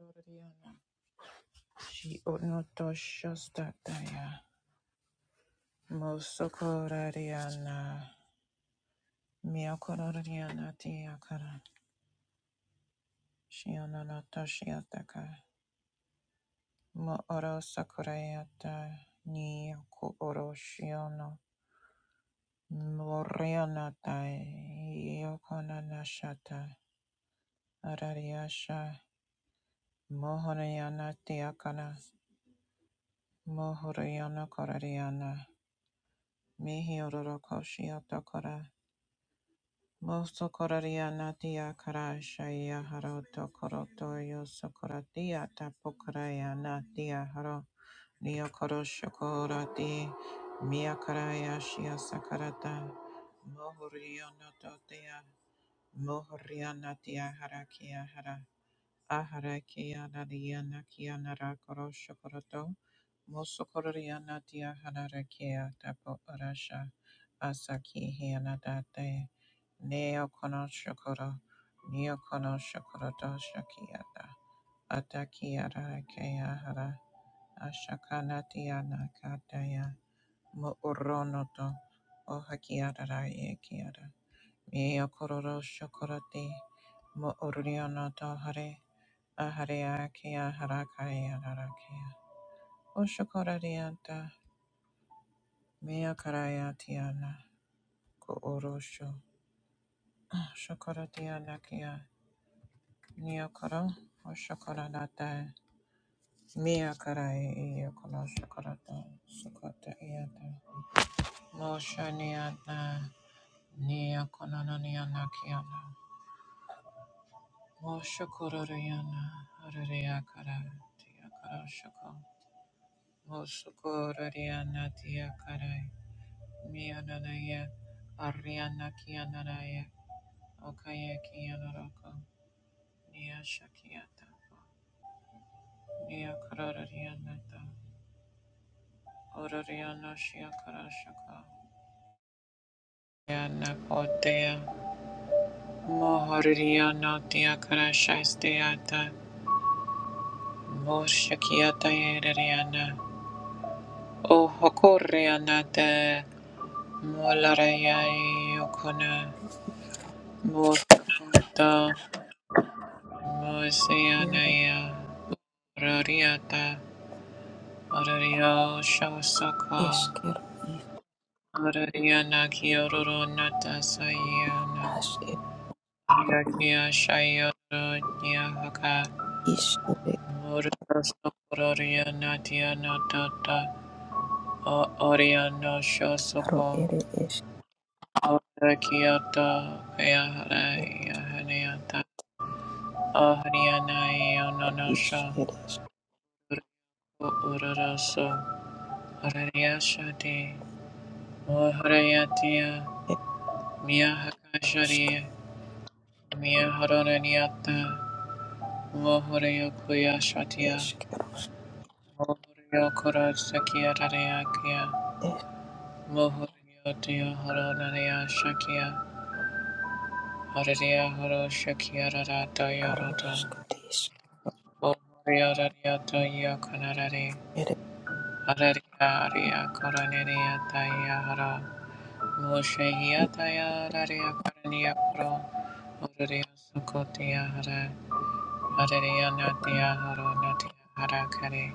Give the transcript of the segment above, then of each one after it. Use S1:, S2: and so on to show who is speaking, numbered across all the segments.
S1: Oriana, she unotoshostadaya, musokorariana, miokorariana tiakara, shiononotoshiataka, moorosakoreata, niokuoroshiona, morionatai, iokonanashata, arariasha, mohoriana tiakana, mohoriana korariana, mihiororokoshiatokora, Mosto koraria natia karashaya haroto koroto yo sokoratia tapokaraya natia haro neo korosho korati mia karaya shia sakarata mohurio nototea mohuria natia harakia hara Aharakia Nadiana Kianara Koroshokoroto Mosokoriana Dia Hanarakia Tapo Arasha Asaki Hianadate Neo kono shokoro Neo kono Konoshokoroto Shakiata Atakiara Keahara Ashakanatiana Kataya Muoronoto Ohakiara Ekiara Mio kororo shokorati mo oriono to hare aharea kia harakaya harakia. O shokorarianta mia karayatiana ko orosho. Shokoratiana kia nio koro o shokoranata mia karai iyo kono shokorata shokota iata. Mo shaniata nio kono no niana kiana. Moshokororiana Ariakara Tiakarashoko Moshokororiana Tiakarai Miananaya Ariana Kianaraya Okaya Kianaroko Niashakiata Niakarorianata Ororiana Shiakarashoko Yana Potea Mohoriana Tiakarashaistiata Moshakiata Eriana O Hokorianata Molarayai yokona mosakota
S2: Iaro
S1: mosianaya orariata orario shosaka
S2: eskero is
S1: orariana kiororo natasayana
S2: as er
S1: yakia shayoro nyahaka
S2: is ere
S1: morosokororia tiana tata o oriano
S2: aro
S1: shosoko
S2: ere esker
S1: orakiata kayahara yahaniata Ahriyanaya
S2: is
S1: nanasha
S2: ere
S1: urarasa harayashati moharayatiya
S2: eskerosk
S1: miyahakashari miyaharanayata moharayakuyashatiya
S2: eskeros
S1: moharayakurasakiyaranayakya moharayatiya haranayashakiya harayahoroshakiyaratayarata
S2: eskarosk dis
S1: moharayarayata yakanarare
S2: ere
S1: Hallelujah, Koronelia Tayahara, Moshehia Tayahara, Korenia Pro, Ururia Sukotia Hara, Hallelujah
S2: isker
S1: Natia Hara, Natia Hara Kare,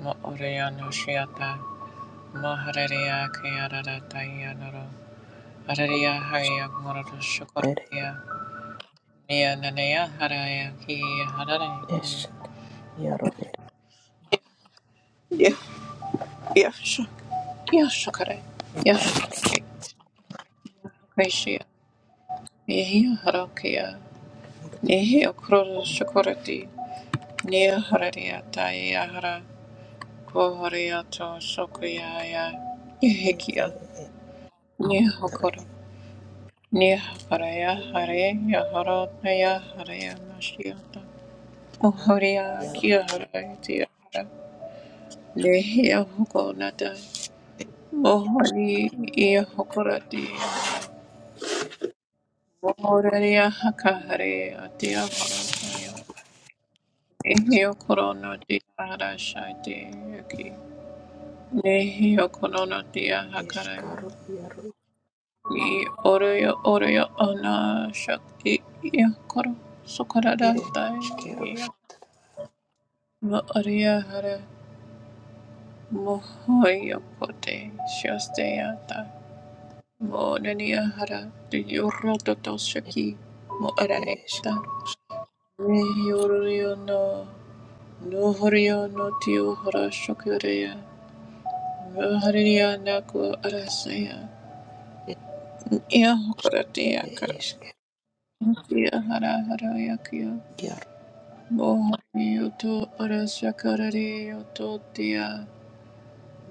S1: Mooria Noshiata, Moharelia Kayara Tayanoro, Hallelujah Haya Moroto
S2: ere
S1: Shukotia, Nia Nanea Haraya Ki Haraya
S2: es
S1: Ki.
S2: iaro ere
S1: Yeah, yeah, sure. Yeah, sure, Kare. Yeah, sure, Kare. Gracia, Yehia Harokia. Nehi okroro shokorati. Niharariya taiyahara. Kohoriyato shokuyaya.
S2: ere
S1: Nihikiya.
S2: ere eskara
S1: Nihokoro. Nihakaraya hare yahara taya haraya mashiyata.
S2: eskaro
S1: Ohoriya
S2: iaro
S1: kiyaharaya tiyahara. Nehi ohokonata.
S2: e,
S1: Mohori iyahokorati yahara. Mohoriya hakahare atiyahara taya. Nehi okoronati harashati yaki. Nehi okono dia hakaraya.
S2: eskaro iaro
S1: Ni oroyo oroyo ona shakti yakoro sokarada
S2: ere
S1: tai ya.
S2: eskerosk
S1: Va ariya hara mohoyo kote shasteya ta. Mo naniya hara de yoro toto
S2: es
S1: shaki
S2: is
S1: mo
S2: eres
S1: arareta. Nehi oroyo no nohoriyo no tiyo hara shakureya. Vahariya naku arasaya.
S2: ere
S1: Iya hokaratiya
S2: esker
S1: kara. Kia hara hara yakia.
S2: iaro
S1: Mohori yoto arashakarari yoto tia.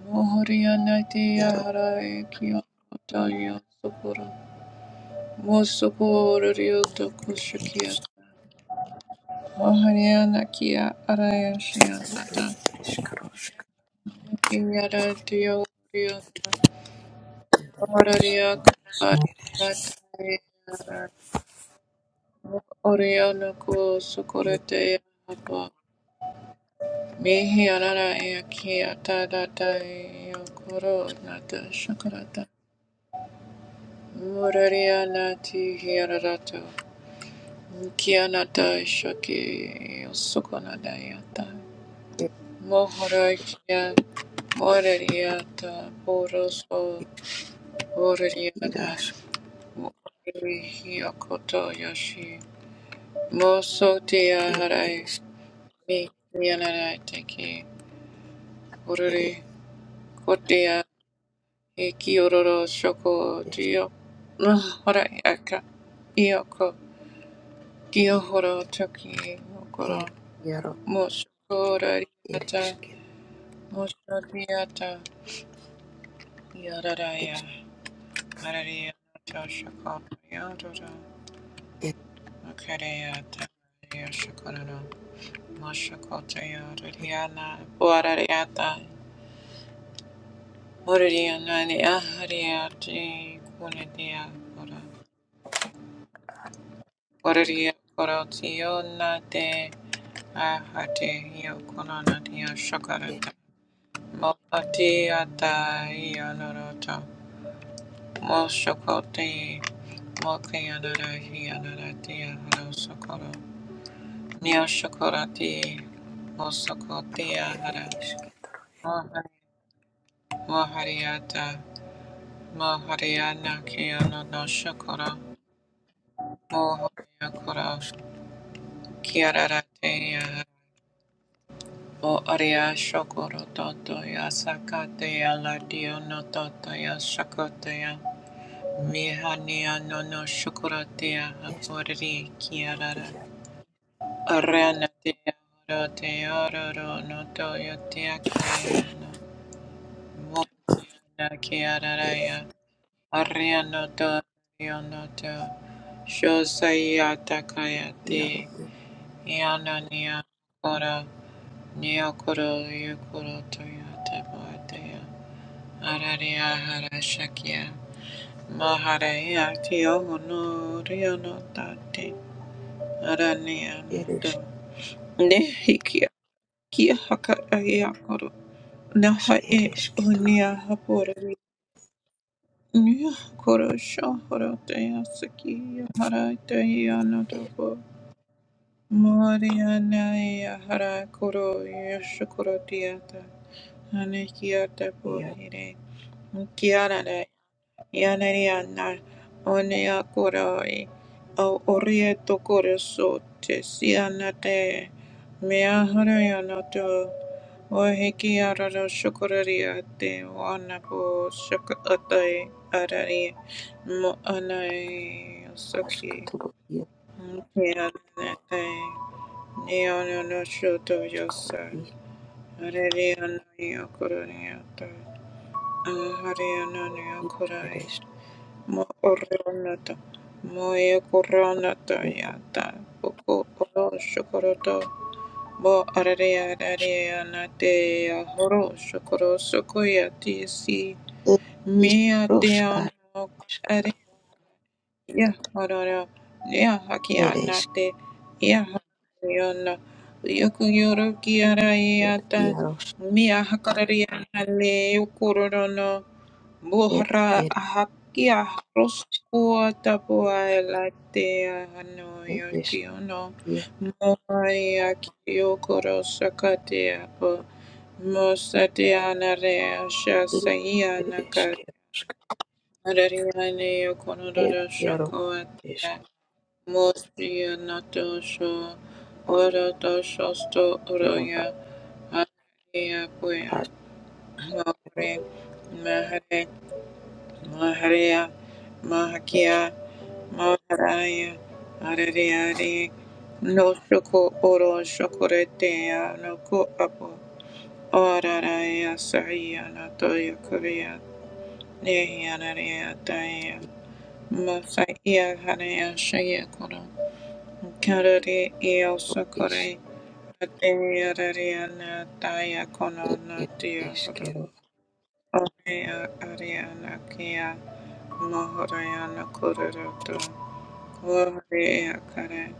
S1: Mohori anaiti
S2: iaro
S1: hara yakio koto yosokoro. Mosokoro yoto kushakia. Mohori anakia arayashia
S2: ere
S1: nata.
S2: eskaros
S1: Kinyara dio rio.
S2: ere
S1: Mohori yako
S2: eskaro
S1: arayata. Oriana ko sokorete yapa. Mihi anana yakia tadata yokoro nata shakarata. Muraria nati hiararato. Mukia nata shaki yosukonada yata. Mohorakia moraria ta poroso
S2: It
S1: moraria na
S2: iras
S1: morari yakoto yoshi. Moso tia
S2: it
S1: harai
S2: is
S1: mi yanara teki
S2: it it
S1: ururi kotia Ekiororo shoko
S2: is
S1: tio. Hora aka. Ioko. Kiohoro toki. Okoro.
S2: it yaro
S1: Moshokora
S2: it is
S1: riata.
S2: it
S1: Moshoriata.
S2: is
S1: Yararaya. Araria. Toshoko. Yodoro.
S2: it
S1: Okareata. Yoshokororo. Moshokota
S2: it
S1: yororiana. Boarariata. Morariana ni ahariati. Kunedia. Ora. Oraria. Korotio na te. Ahati yokunanatiya
S2: it
S1: shakarata. Mopati ata yanarata. Moshokoti mokayanara hiyanaratiya harosokoro. Nyoshokorati mosokotiya
S2: it
S1: hara.
S2: is ketro
S1: Mohari- Mohariata Mohariana kiyono no no shokoro. Mohariyakoro kiyararateya hara. O aria shokoro toto ya sakate ya ladio no toto ya shakote ya mihania no no shokorate ya
S2: es
S1: hapori kiarara
S2: trovia
S1: arana te ya rote ya no to ya te ya karaya no mona kiarara
S2: it
S1: ya aria no to ya no to shosai ya takaya
S2: yaro
S1: te ya no ni ya kora ni ya koro to ya te boate ya Araria Harashakya Maharaya Tiohono Riono Dante Arania
S2: it is
S1: Nato Nehikia Kia Haka Ayakoro
S2: as it
S1: Nahae
S2: is ketro
S1: Unia
S2: it
S1: Hapori Nyakoro Shahara Dayasaki Harataya Natopo Maria Naya Harakoro Yashakoro Tiata Hanekiata
S2: yaro
S1: Pohire Kiara Yanariana onea koroi Au orieto koreso te sianate mea harayana to o heki arara shukuraria te wanapo shukatai arari mo anai
S2: as
S1: saki
S2: ketro yaro
S1: ke anate ne ono no shoto
S2: skoro
S1: yosa
S2: is
S1: arari ono yo kororiata ahari ono yo
S2: it
S1: korai Mo oronata, mo e coronata
S2: is
S1: yata, poco oro shokoroto, bo ararea ararea nate ya horo shokoro sokoya si
S2: Ed is
S1: mea te
S2: Rosh
S1: ano
S2: Arishkar.
S1: are ya horora, ya haki
S2: Ed is
S1: anate, ya horiona, yoku yoro ki
S2: Ed
S1: arayata,
S2: Yarosh.
S1: mea hakararea nale yokorono,
S2: Ed
S1: Burra
S2: Ed
S1: hakia
S2: is
S1: roskua tabua elatea no
S2: Ed is
S1: yokiono moia kiokoro sakatea po mosatea narea
S2: Ed is
S1: shasaia
S2: Ed is
S1: naka
S2: Keroshk.
S1: rariane
S2: Ed
S1: yokonororo
S2: Yaro is
S1: shokoatea mosia nato sho oro to shosto
S2: Kero
S1: oroya anaia puya
S2: Ashkero
S1: Maharia, Mahakia, Maharaya, Arariari, No Shoko Oro Shokoretea, No Ko Apo, Oraraya, Saria, Natoya Korea, Nehianaria, Daya, Masaia, Harea, Shaya Koro, Karari, Eo
S2: is is
S1: Sokore, Atea, Rariana, Daya
S2: Ed
S1: Kono,
S2: Ed
S1: Natia
S2: is
S1: Koro,
S2: Kero
S1: Orea, Ariana, Kia, Mahorayana, Kororo, Gloria kare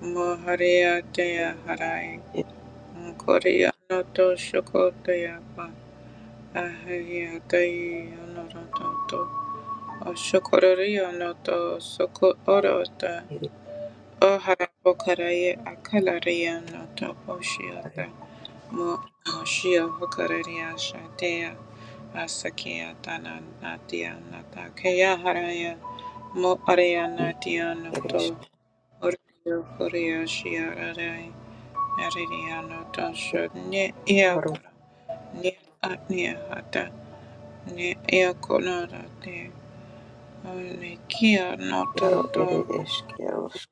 S1: moharia dea harai
S2: Ed
S1: koria no to shokotea pa aharia dei onoroto to o shokoria no to soko orota
S2: Ed
S1: o hara pokaraie akalaria no to
S2: Are
S1: poshiata mo moshia hokaria shatea asakia tana natia nata kea haraia mo aria
S2: i
S1: natia no
S2: Ed
S1: to,
S2: is
S1: Oreo Koreashi Arai Ariano
S2: Ed
S1: Tasha Ne
S2: Karo
S1: Eakura Ne Atnia Hata Ne Eakonara Te One Kia Noto
S2: Yaro Ed
S1: Tom
S2: is Keroshk.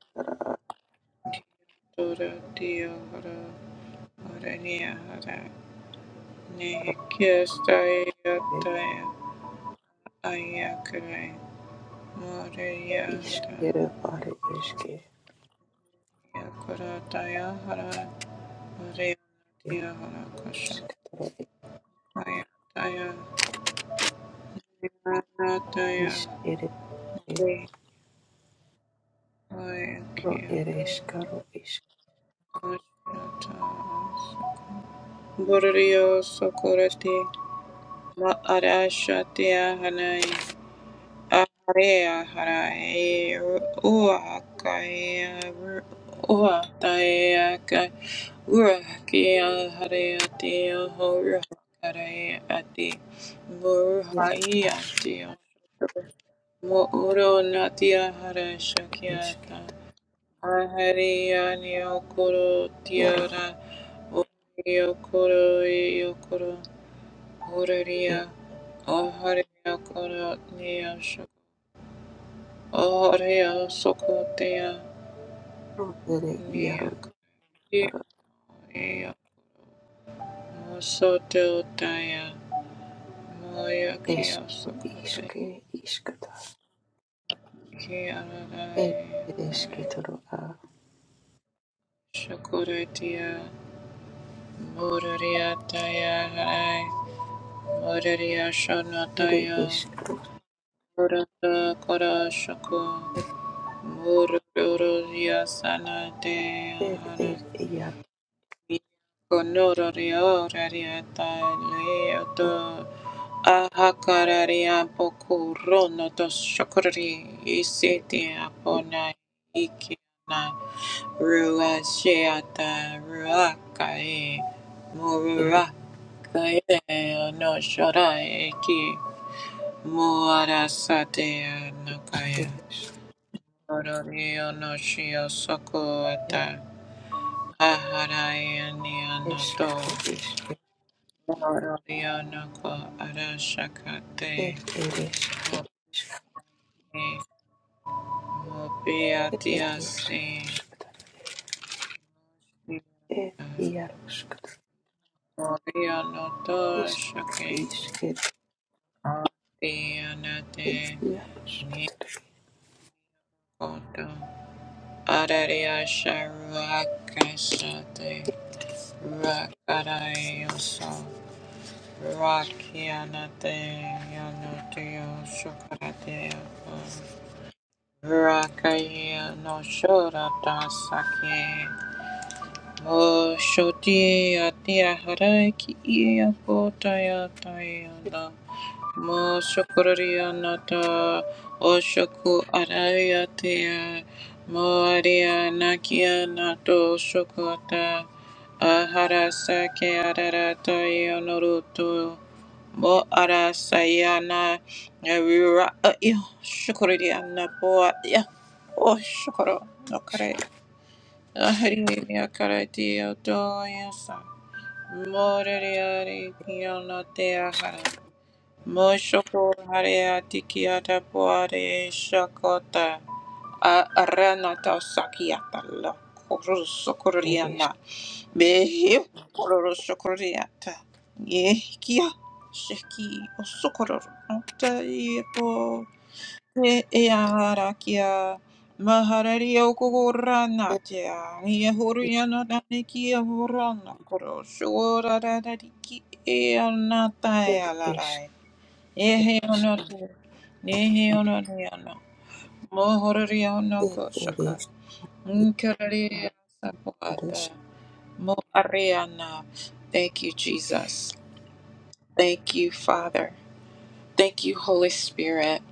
S1: Tora Tio Hara Orania Hara Ne Kia Stai
S2: Ed
S1: Atai Ayakare Moreya
S2: is
S1: Hara
S2: Kero Are is ke
S1: yakura Taya Hara Oreo
S2: Ed
S1: Tia Hara Kosha
S2: is Kero
S1: Ayataya Ayataya
S2: is Ed Ro Ed is Karo is
S1: Burio Socorati Ma Arashatia Hanai Aharea Harae Uakaya Uataya Urakia Hareati Horahare Ati Burhaiati Muuro Natia Harashakiata
S2: Esket
S1: Ahariani okoro
S2: yaro
S1: tiara ori okoro e okoro oraria
S2: ero
S1: ahari okoro nia shoko ahari soko tia
S2: ere
S1: nia
S2: yaro
S1: kati
S2: yaro
S1: e moso teo taia moia kia
S2: eskero
S1: soko te
S2: iske iskata
S1: kia
S2: ed
S1: rarai
S2: ere
S1: kare
S2: esketoro a
S1: shokore tia moraria taia harai moraria shona
S2: ere eskeros
S1: Koranda kara shako murdoria sana de
S2: ed
S1: hana
S2: ed yaro
S1: konoria rariata leoto ahakararia pokorono to shakori
S2: ed
S1: isiti
S2: ed
S1: apona ikina rua sheata ruakai
S2: ere
S1: murura kaide no shorai ki muarasate nakaya
S2: eskeres
S1: Kororiyo no shio soku ata.
S2: yaro
S1: Aharaye ni anoto.
S2: eskero iske
S1: Kororiyo no ko arashakate.
S2: ed ere eskero iske
S1: Mopi. Mopi
S2: ed ere
S1: atiasi.
S2: eskatara ed yaro skatara
S1: Kororiyo no to shake.
S2: eskero iske
S1: Ati anate.
S2: ed yaro
S1: Ni koto. Arariya sharuakasate. Rakarayo so.
S2: ed
S1: Rakayana Mo Shokorianata Oshoku Arariatea Moaria Nakia Nato Shokota Aharasake Ararata Yonoruto Mo Arasayana Avira Shokoriana Boa O Shokoro Okare Ahari Akarati Oto Yasa Mo Moreria hara. Moshoko harea tikiata poare shakota a aranata sakiata la
S2: ere
S1: korosokoriana behi korosokoriata yehkia sheki osokoror ota yepo e eaharakia maharari okogorana
S2: eskero
S1: tea
S2: iske
S1: yehoriana nanekia horana koroshoradariki eanata
S2: ed
S1: elarai Ehe ono te. Nehe ono ne ono. Mohorori ono ko
S2: eskero
S1: shaka. Mkarari asapata. Mo ariana. Thank you, Jesus. Thank you, Father. Thank you, Holy Spirit.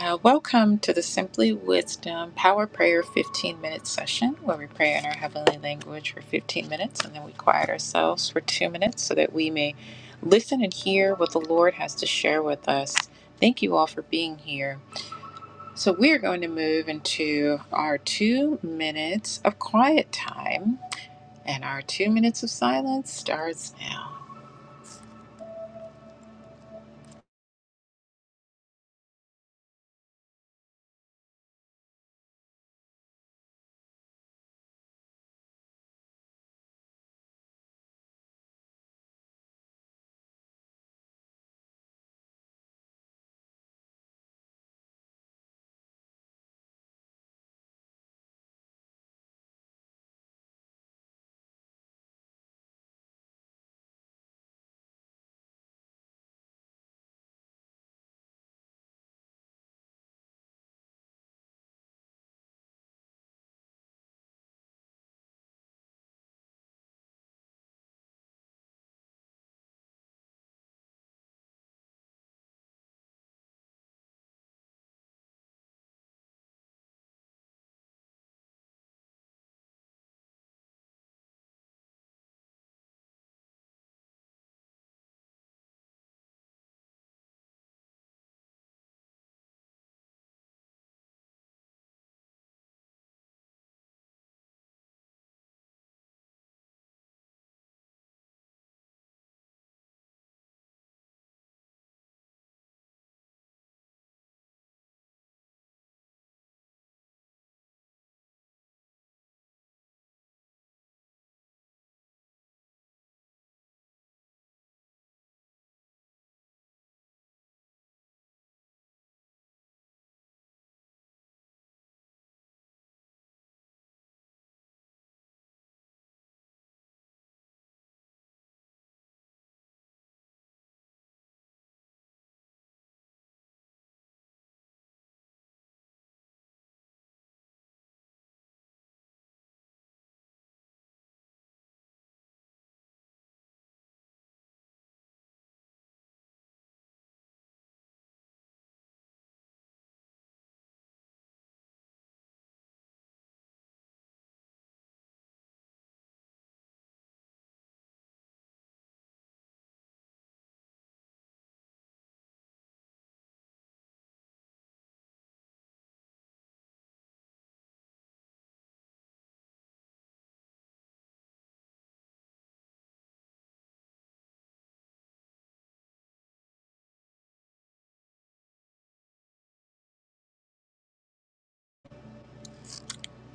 S1: Uh, welcome to the Simply Wisdom Power Prayer 15 minute session where we pray in our heavenly language for 15 minutes and then we quiet ourselves for two minutes so that we may listen and hear what the Lord has to share with us. Thank you all for being here. So we're going to move into our two minutes of quiet time, and our two minutes of silence starts now.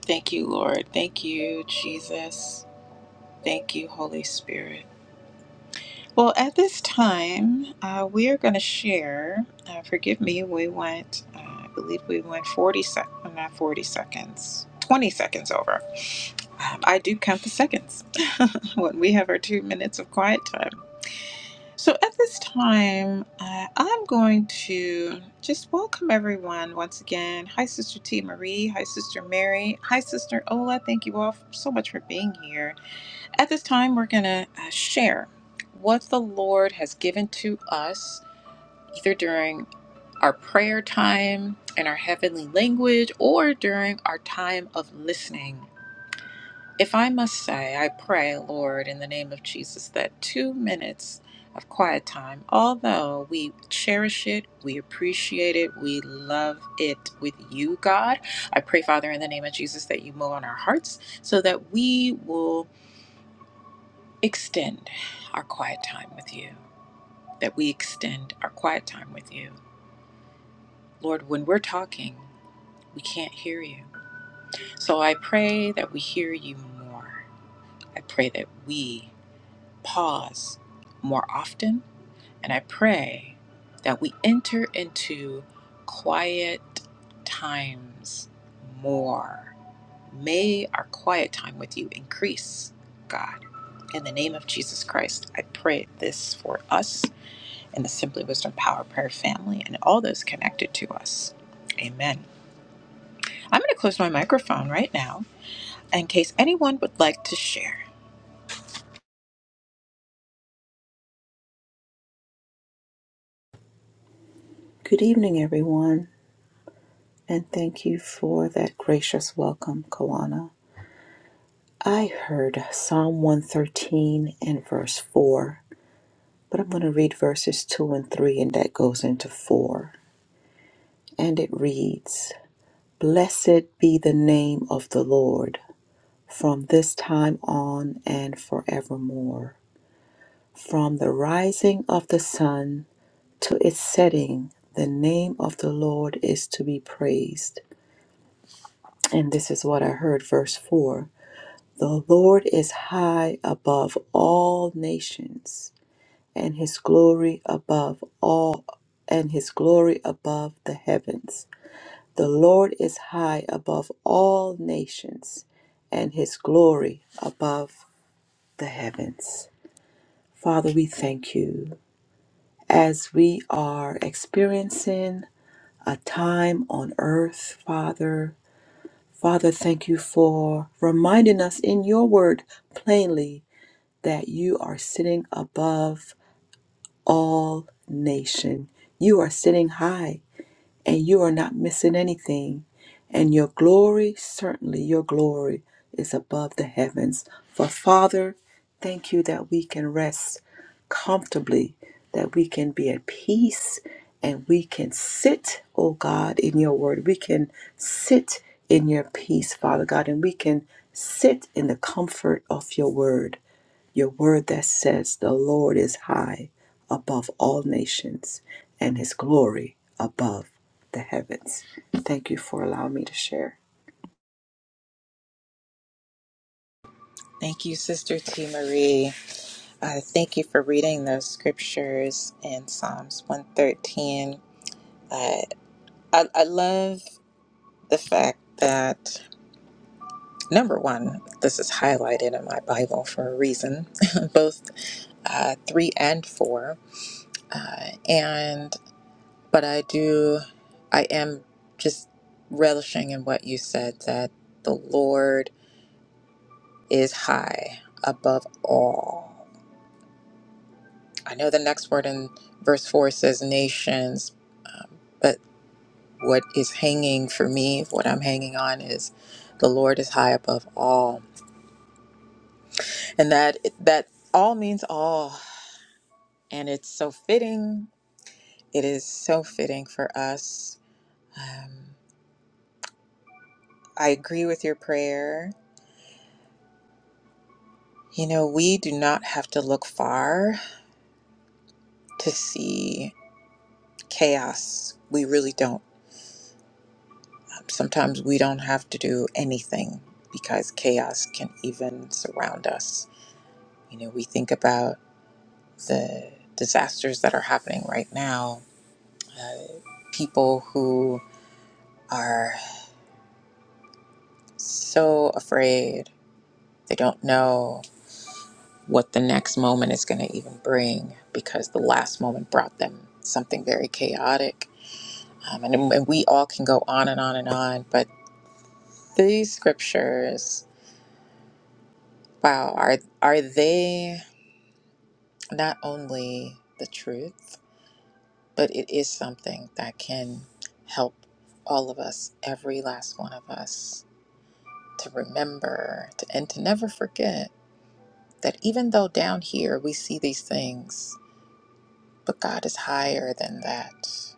S1: Thank you, Lord. Thank you, Jesus. Thank you, Holy Spirit. Well, at this time, uh, we are going to share. Uh, forgive me, we went, uh, I believe we went 40 seconds, not 40 seconds, 20 seconds over. Um, I do count the seconds when we have our two minutes of quiet time. So at this time, uh, I'm going to just welcome everyone once again. Hi, Sister T. Marie. Hi, Sister Mary. Hi, Sister Ola. Thank you all f- so much for being here. At this time, we're going to uh, share what the Lord has given to us, either during our prayer time and our heavenly language or during our time of listening. If I must say, I pray, Lord, in the name of Jesus, that two minutes of quiet time, although we cherish it, we appreciate it, we love it with you, God, I pray, Father, in the name of Jesus, that you move on our hearts so that we will extend our quiet time with you, that we extend our quiet time with you. Lord, when we're talking, we can't hear you. So I pray that we hear you more. I pray that we pause more often. And I pray that we enter into quiet times more. May our quiet time with you increase, God. In the name of Jesus Christ, I pray this for us and the Simply Wisdom Power Prayer family and all those connected to us. Amen. I'm going to close my microphone right now in case anyone would like to share.
S2: Good evening, everyone, and thank you for that gracious welcome, Kawana. I heard Psalm 113 and verse 4, but I'm going to read verses 2 and 3, and that goes into 4. And it reads Blessed be the name of the Lord from this time on and forevermore. From the rising of the sun to its setting, the name of the Lord is to be praised And this is what I heard, verse 4 The Lord is high above all nations, and his glory above all, and his glory above the heavens. The Lord is high above all nations, and his glory above the heavens. Father, we thank you as we are experiencing a time on earth, Father Father, thank you for reminding us in your word plainly that you are sitting above all nation. You are sitting high and you are not missing anything. And your glory, certainly your glory, is above the heavens. For Father, thank you that we can rest comfortably, that we can be at peace, and we can sit, oh God, in your word. We can sit in your peace, Father God, and we can sit in the comfort of your word. Your word that says the Lord is high above all nations and his glory above the heavens. Thank you for allowing me to share.
S1: Thank you, Sister T. Marie. I thank you for reading those scriptures in Psalms 113. Uh, I, I love the fact that, number one, this is highlighted in my Bible for a reason, both uh, three and four. Uh, and, but I do, I am just relishing in what you said that the Lord is high above all. I know the next word in verse 4 says nations, um, but. what is hanging for me, what I'm hanging on is the Lord is high above all. And that that all means all. And it's so fitting. It is so fitting for us. Um, I agree with your prayer. You know, we do not have to look far to see chaos. We really don't. Um, Sometimes we don't have to do anything because chaos can even surround us. You know, we think about the disasters that are happening right now. Uh, people who are so afraid, they don't know what the next moment is going to even bring because the last moment brought them something very chaotic. Um, and, and we all can go on and on and on, but these scriptures, wow, are, are they not only the truth, but it is something that can help all of us, every last one of us to remember to, and to never forget that even though down here we see these things, but God is higher than that.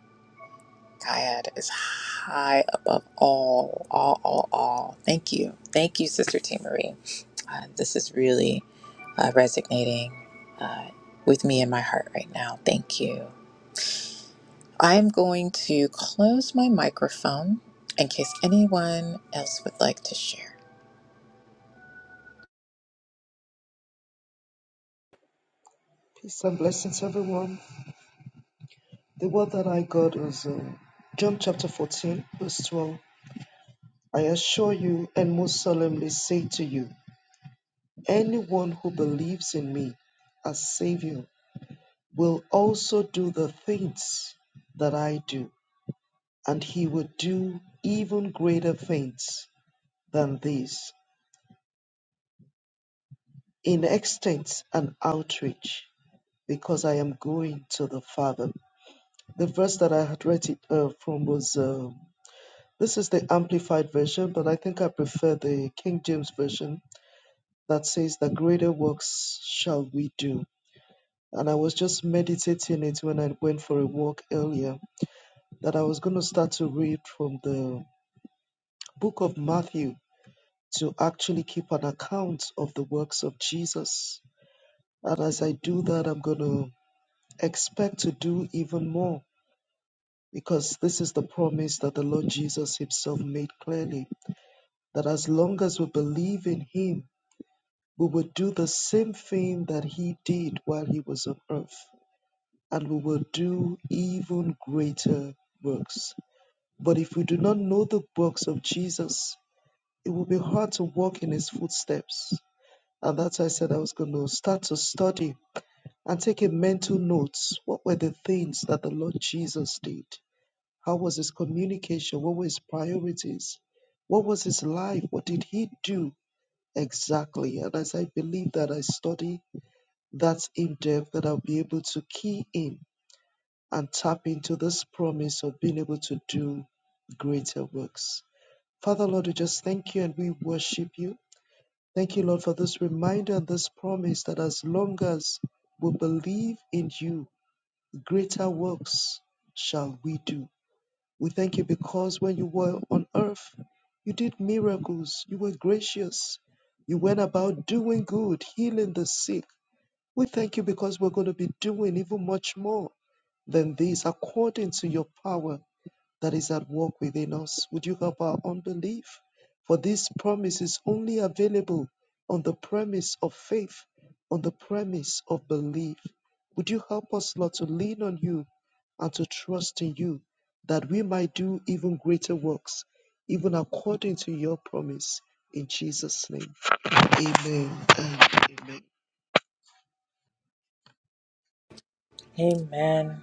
S1: God is high above all, all, all, all. Thank you. Thank you, Sister T. Marie. Uh, this is really uh, resonating uh, with me in my heart right now. Thank you. I'm going to close my microphone in case anyone else would like to share.
S3: Peace and blessings, everyone. The word that I got was uh, John chapter 14, verse 12. I assure you and most solemnly say to you, anyone who believes in me as Savior will also do the things that I do, and he will do even greater things than these in extent and outreach, because I am going to the Father. The verse that I had read it uh, from was. Uh, This is the amplified version, but I think I prefer the King James version that says that greater works shall we do. And I was just meditating it when I went for a walk earlier that I was going to start to read from the book of Matthew to actually keep an account of the works of Jesus. And as I do that, I'm going to expect to do even more because this is the promise that the Lord Jesus Himself made clearly that as long as we believe in Him, we would do the same thing that he did while he was on earth, and we will do even greater works. But if we do not know the works of Jesus, it will be hard to walk in his footsteps. And that's why I said I was going to start to study and take a mental notes. What were the things that the Lord Jesus did? How was his communication? What were his priorities? What was his life? What did he do exactly? And as I believe that I study that's in depth that I'll be able to key in and tap into this promise of being able to do greater works. Father Lord, we just thank you and we worship you. Thank you, Lord, for this reminder and this promise that as long as we believe in you, greater works shall we do. We thank you because when you were on earth, you did miracles, you were gracious, you went about doing good, healing the sick we thank you because we're going to be doing even much more than this according to your power that is at work within us. Would you help our unbelief? For this promise is only available on the premise of faith, on the premise of belief. Would you help us, Lord, to lean on you and to trust in you that we might do even greater works, even according to your promise? In Jesus' name, amen and amen.
S1: Amen.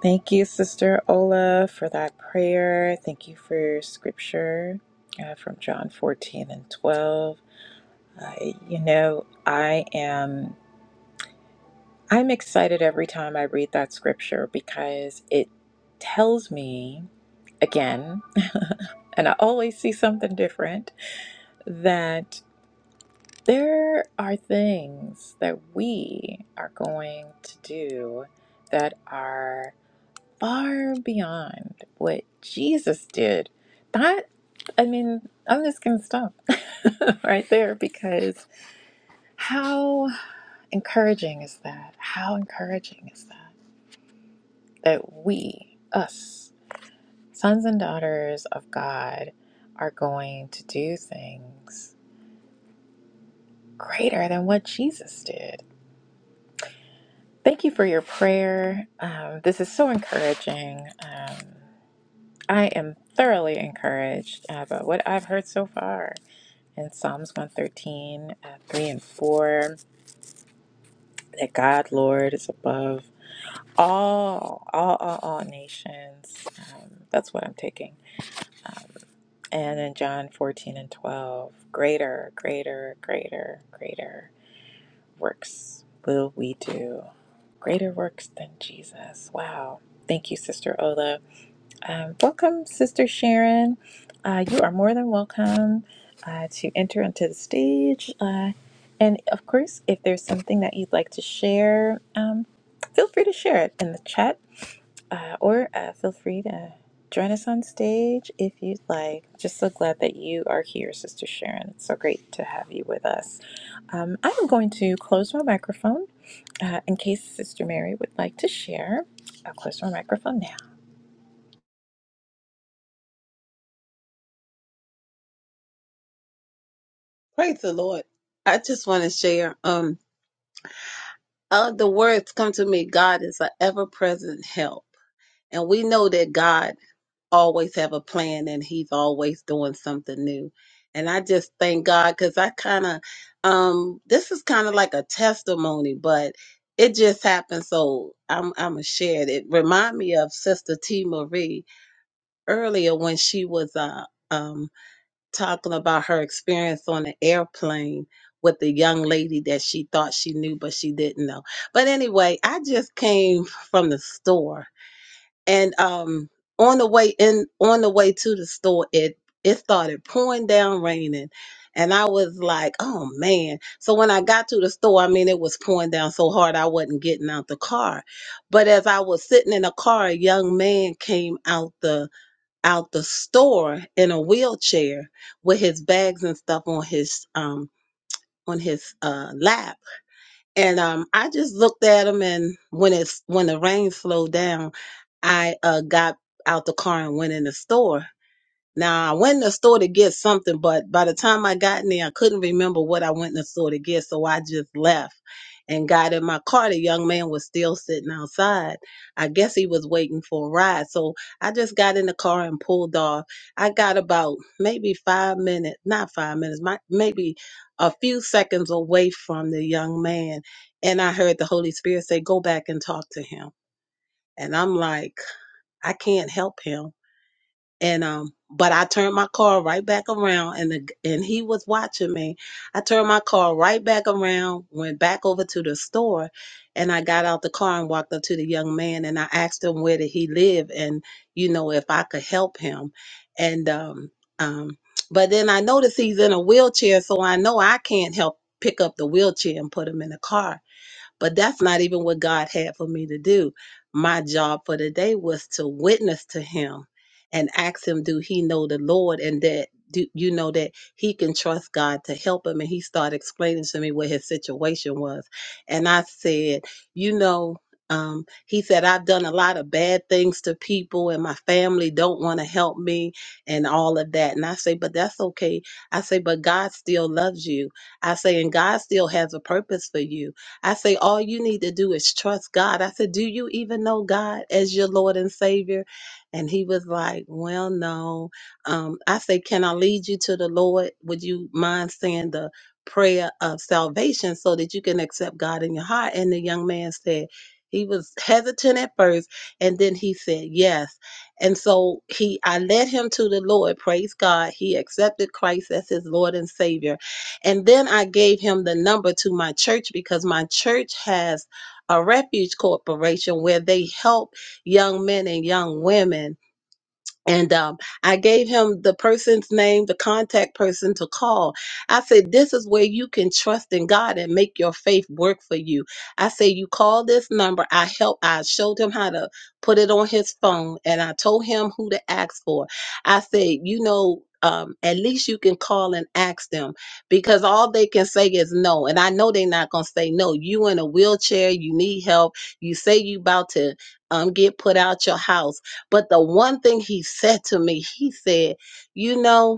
S1: Thank you, Sister Ola, for that prayer. Thank you for your scripture uh, from John 14 and 12. I, you know, I am I'm excited every time I read that scripture because it tells me again, and I always see something different that there are things that we are going to do that are far beyond what Jesus did. That, I mean, I'm just going to stop right there because how encouraging is that? How encouraging is that? That we, us, sons and daughters of God, are going to do things greater than what Jesus did. Thank you for your prayer. Um, this is so encouraging. Um, I am thoroughly encouraged uh, by what I've heard so far In Psalms 113, uh, 3 and 4, that God, Lord, is above all, all, all, all nations. Um, that's what I'm taking. Um, and in John 14 and 12, greater, greater, greater, greater works will we do. Greater works than Jesus. Wow. Thank you, Sister Ola. Um, welcome, Sister Sharon. Uh, you are more than welcome uh, to enter onto the stage. Uh, and of course, if there's something that you'd like to share, um, feel free to share it in the chat uh, or uh, feel free to join us on stage if you'd like. Just so glad that you are here, Sister Sharon. It's so great to have you with us. Um, I'm going to close my microphone uh, in case Sister Mary would like to share. I'll close my microphone now.
S4: Praise the Lord. I just want to share. Um, uh, the words come to me. God is an ever-present help, and we know that God always have a plan, and He's always doing something new. And I just thank God because I kind of, um, this is kind of like a testimony, but it just happened. So I'm I'm gonna share it. It remind me of Sister T Marie earlier when she was uh um talking about her experience on an airplane with the young lady that she thought she knew but she didn't know. But anyway, I just came from the store and um on the way in on the way to the store it it started pouring down raining and I was like, "Oh man." So when I got to the store, I mean it was pouring down so hard I wasn't getting out the car. But as I was sitting in the car, a young man came out the out the store in a wheelchair with his bags and stuff on his um on his uh lap and um i just looked at him and when it's when the rain slowed down i uh got out the car and went in the store now I went in the store to get something, but by the time I got in there, I couldn't remember what I went in the store to get, so I just left and got in my car. The young man was still sitting outside. I guess he was waiting for a ride. So I just got in the car and pulled off. I got about maybe five minutes, not five minutes, my, maybe a few seconds away from the young man. And I heard the Holy Spirit say, Go back and talk to him. And I'm like, I can't help him and um but I turned my car right back around and the, and he was watching me. I turned my car right back around, went back over to the store and I got out the car and walked up to the young man and I asked him where did he live and you know if I could help him. And um um but then I noticed he's in a wheelchair so I know I can't help pick up the wheelchair and put him in the car. But that's not even what God had for me to do. My job for the day was to witness to him and ask him, do he know the Lord? And that do you know that he can trust God to help him? And he started explaining to me what his situation was. And I said, you know, um, he said, I've done a lot of bad things to people and my family don't want to help me and all of that. And I say, but that's okay. I say, but God still loves you. I say, and God still has a purpose for you. I say, all you need to do is trust God. I said, do you even know God as your Lord and Savior? And he was like, well, no. Um, I say, can I lead you to the Lord? Would you mind saying the prayer of salvation so that you can accept God in your heart? And the young man said, he was hesitant at first, and then he said, yes. And so he, I led him to the Lord. Praise God. He accepted Christ as his Lord and Savior and then I gave him the number to my church because my church has a refuge corporation where they help young men and young women and um, I gave him the person's name, the contact person to call. I said, This is where you can trust in God and make your faith work for you. I said, You call this number. I help. I showed him how to put it on his phone and I told him who to ask for. I said, You know, um, at least you can call and ask them because all they can say is no. And I know they're not going to say no. You in a wheelchair, you need help. You say you about to um, get put out your house but the one thing he said to me, he said, You know,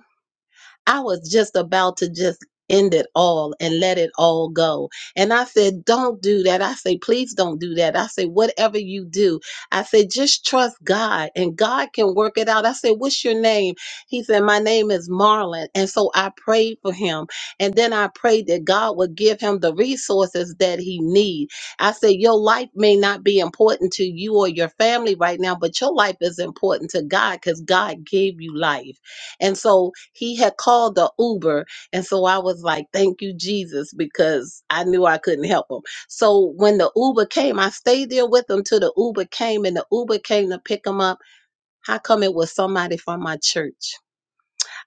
S4: I was just about to just end it all and let it all go. And I said, Don't do that. I say, Please don't do that. I say, Whatever you do, I say Just trust God and God can work it out. I said, What's your name? He said, My name is Marlon. And so I prayed for him. And then I prayed that God would give him the resources that he need. I said, Your life may not be important to you or your family right now, but your life is important to God because God gave you life. And so he had called the Uber. And so I was like, thank you, Jesus, because I knew I couldn't help him. So when the Uber came, I stayed there with him till the Uber came and the Uber came to pick him up. How come it was somebody from my church?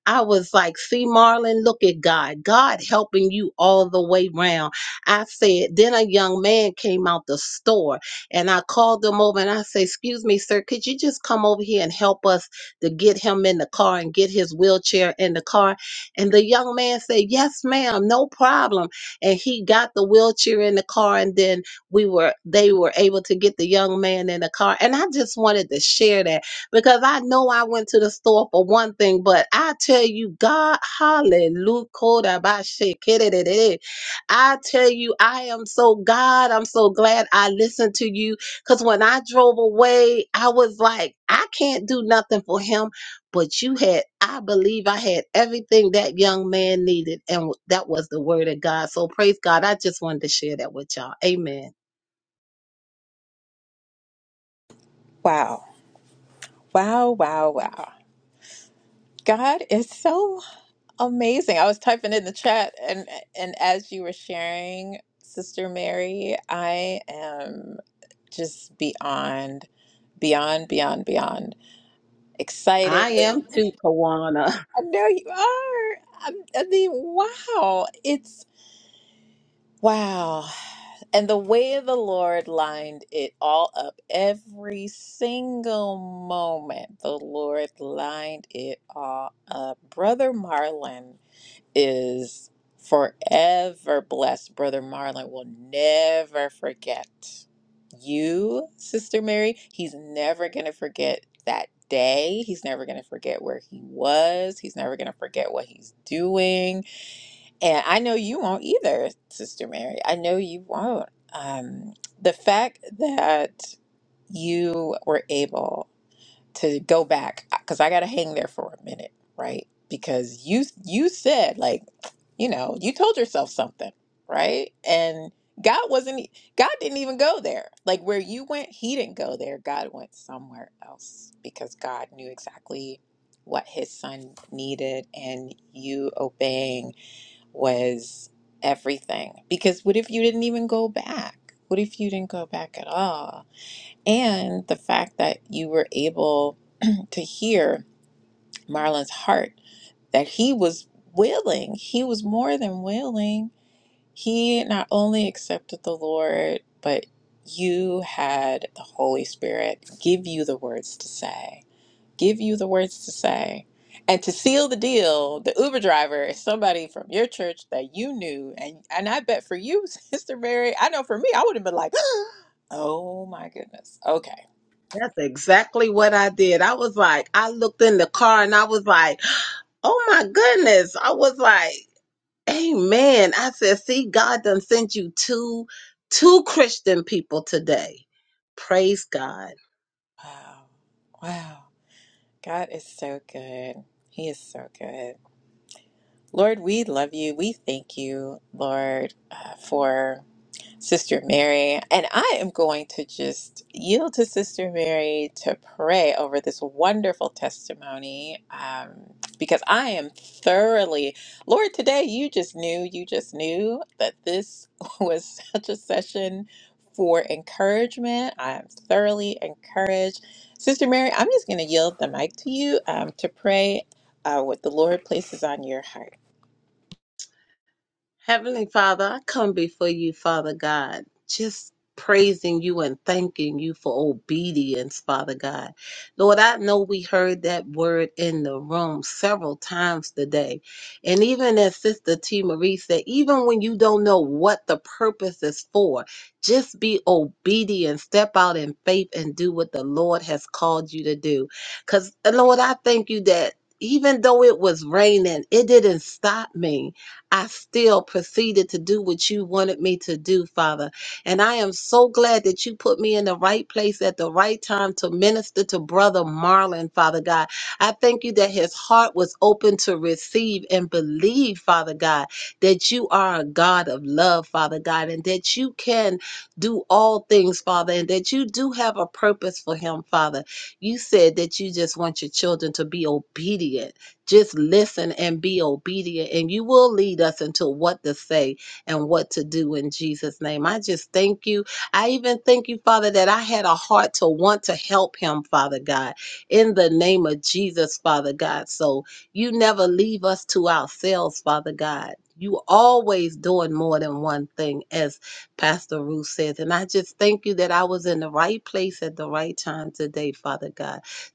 S4: I was like, see, Marlon, look at God. God helping you all the way round. I said, then a young man came out the store and I called him over and I said, excuse me, sir, could you just come over here and help us to get him in the car and get his wheelchair in the car? And the young man said, yes, ma'am, no problem. And he got the wheelchair in the car and then we were, they were able to get the young man in the car. And I just wanted to share that because I know I went to the store for one thing, but I tell you, God, hallelujah, kodabashe, kedededede. I tell you, I am so God. I'm so glad I listened to you because when I drove away, I was like, I can't do nothing for him. But you had, I believe I had everything that young man needed, and that was the word of God. So praise God. I just wanted to share that with y'all. Amen.
S1: Wow. Wow, wow, wow. God is so amazing. I was typing in the chat and and as you were sharing, Sister Mary, I am just beyond beyond beyond beyond excited.
S4: I am too, Kawana.
S1: I know you are. I, I mean, wow. It's wow. And the way of the Lord lined it all up. Every single moment, the Lord lined it all up. Brother Marlon is forever blessed. Brother Marlon will never forget you, Sister Mary. He's never going to forget that day. He's never going to forget where he was. He's never going to forget what he's doing and I know you won't either, Sister Mary. I know you won't. Um, the fact that you were able to go back, because I got to hang there for a minute, right? Because you you said like, you know, you told yourself something, right? And God wasn't e, God didn't even go there. Like where you went, He didn't go there. God went somewhere else because God knew exactly what His Son needed, and you obeying was everything. Because what if you didn't even go back? What if you didn't go back at all? And the fact that you were able to hear Marlon's heart, that he was willing, he was more than willing. He not only accepted the Lord, but you had the Holy Spirit give you the words to say give you the words to say. And to seal the deal, the Uber driver is somebody from your church that you knew. And and I bet for you, Sister Mary, I know for me, I would have been like, oh my goodness. Okay.
S4: That's exactly what I did. I was like, I looked in the car and I was like, oh my goodness. I was like, amen. I said, see, God done sent you two, two Christian people today. Praise God.
S1: Wow. Wow. God is so good. He is so good. Lord, we love you. We thank you, Lord, uh, for. Sister Mary. And I am going to just yield to Sister Mary to pray over this wonderful testimony um, because I am thoroughly, Lord, today you just knew, you just knew that this was such a session for encouragement. I am thoroughly encouraged. Sister Mary, I'm just going to yield the mic to you um, to pray uh, what the Lord places on your heart.
S4: Heavenly Father, I come before you, Father God, just praising you and thanking you for obedience, Father God. Lord, I know we heard that word in the room several times today. And even as Sister T. Marie said, even when you don't know what the purpose is for, just be obedient, step out in faith, and do what the Lord has called you to do. Because, Lord, I thank you that even though it was raining, it didn't stop me I still proceeded to do what you wanted me to do, Father. And I am so glad that you put me in the right place at the right time to minister to Brother Marlon, Father God. I thank you that his heart was open to receive and believe, Father God, that you are a God of love, Father God, and that you can do all things, Father, and that you do have a purpose for him, Father. You said that you just want your children to be obedient. Just listen and be obedient, and you will lead us into what to say and what to do in Jesus' name. I just thank you. I even thank you, Father, that I had a heart to want to help him, Father God, in the name of Jesus, Father God. So you never leave us to ourselves, Father God. You always doing more than one thing, as Pastor Ruth says. And I just thank you that I was in the right place at the right time today, Father God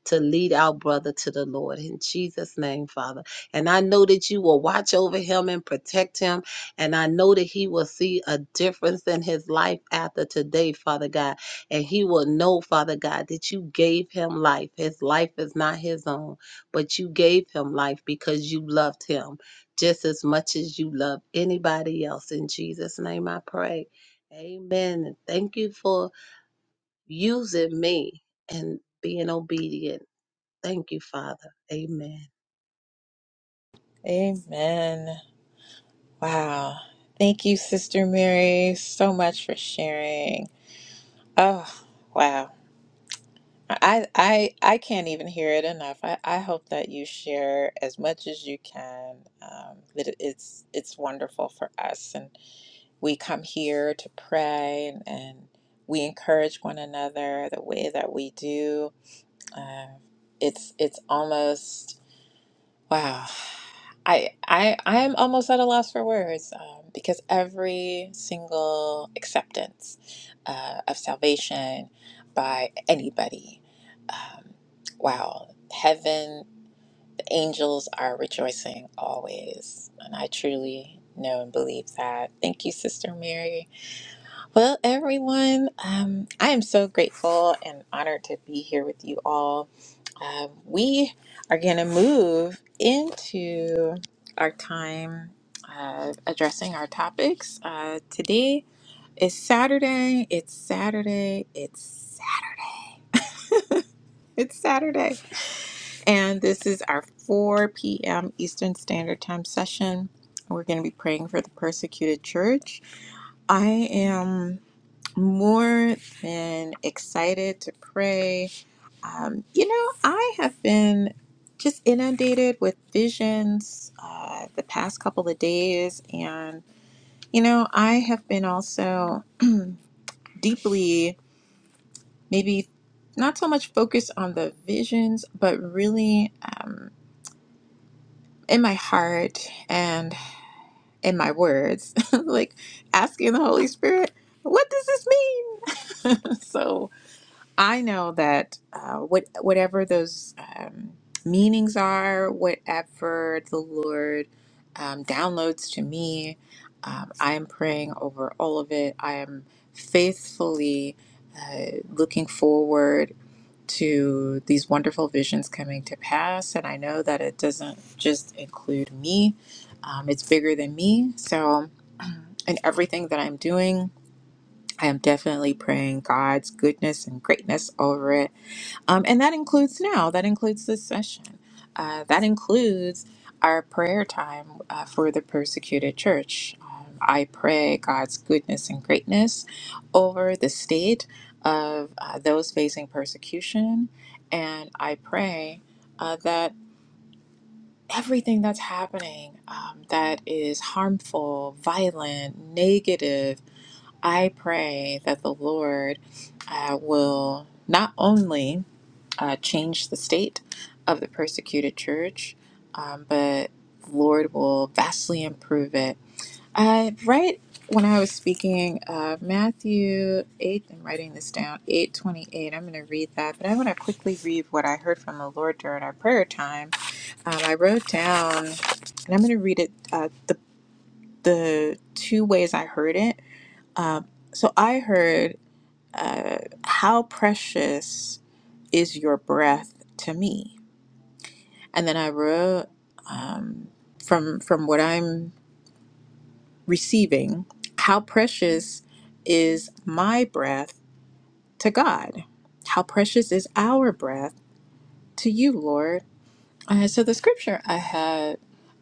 S4: to lead our brother to the Lord. In Jesus' name, Father. And I know that you will watch over him and protect him. And I know that he will see a difference in his life after today, Father God. And he will know, Father God, that you gave him life. His life is not his own, but you gave him life because you loved him just as much as you love anybody else. In Jesus' name, I pray. Amen. And Thank you for using me and being obedient Thank you, Father. Amen.
S1: Amen. Wow. Thank you, Sister Mary, so much for sharing. Oh, wow. I I I can't even hear it enough. I, I hope that you share as much as you can. Um, that it- it's it's wonderful for us, and we come here to pray and, and we encourage one another the way that we do. Uh, it's it's almost Wow. I I I am almost at a loss for words um, because every single acceptance uh, of salvation by anybody, um, wow, heaven, the angels are rejoicing always, and I truly know and believe that. Thank you, Sister Mary well, everyone, um, I am so grateful and honored to be here with you all. Um, we are going to move into our time uh, addressing our topics. Uh, today is Saturday. It's Saturday. It's Sa- it's Saturday, and this is our 4 p.m. Eastern Standard Time session. We're going to be praying for the persecuted church. I am. more than excited to pray. Um, you know, I have been just inundated with visions uh, the past couple of days. And, you know, I have been also deeply, maybe not so much focused on the visions, but really um, in my heart and in my words, like asking the Holy Spirit, what does this mean? so, I know that uh, what whatever those um, meanings are, whatever the Lord um, downloads to me, um, I am praying over all of it. I am faithfully uh, looking forward to these wonderful visions coming to pass, and I know that it doesn't just include me; um, it's bigger than me. So, in everything that I'm doing. I am definitely praying God's goodness and greatness over it um, and that includes now, that includes this session. Uh, that includes our prayer time uh, for the persecuted church. Um, I pray God's goodness and greatness over the state of uh, those facing persecution. And I pray uh, that everything that's happening um, that is harmful, violent, negative, I pray that the Lord uh, will not only uh, change the state of the persecuted church, um, but the Lord will vastly improve it. Uh, right when I was speaking, uh, Matthew 8, I'm writing this down, 828, I'm going to read that, but I want to quickly read what I heard from the Lord during our prayer time. Um, I wrote down, and I'm going to read it uh, the, the two ways I heard it. Um, so I heard, uh, How precious is your breath to me? And then I wrote um, from from what I'm receiving, how precious is my breath to God? How precious is our breath to you, Lord? And so the scripture I had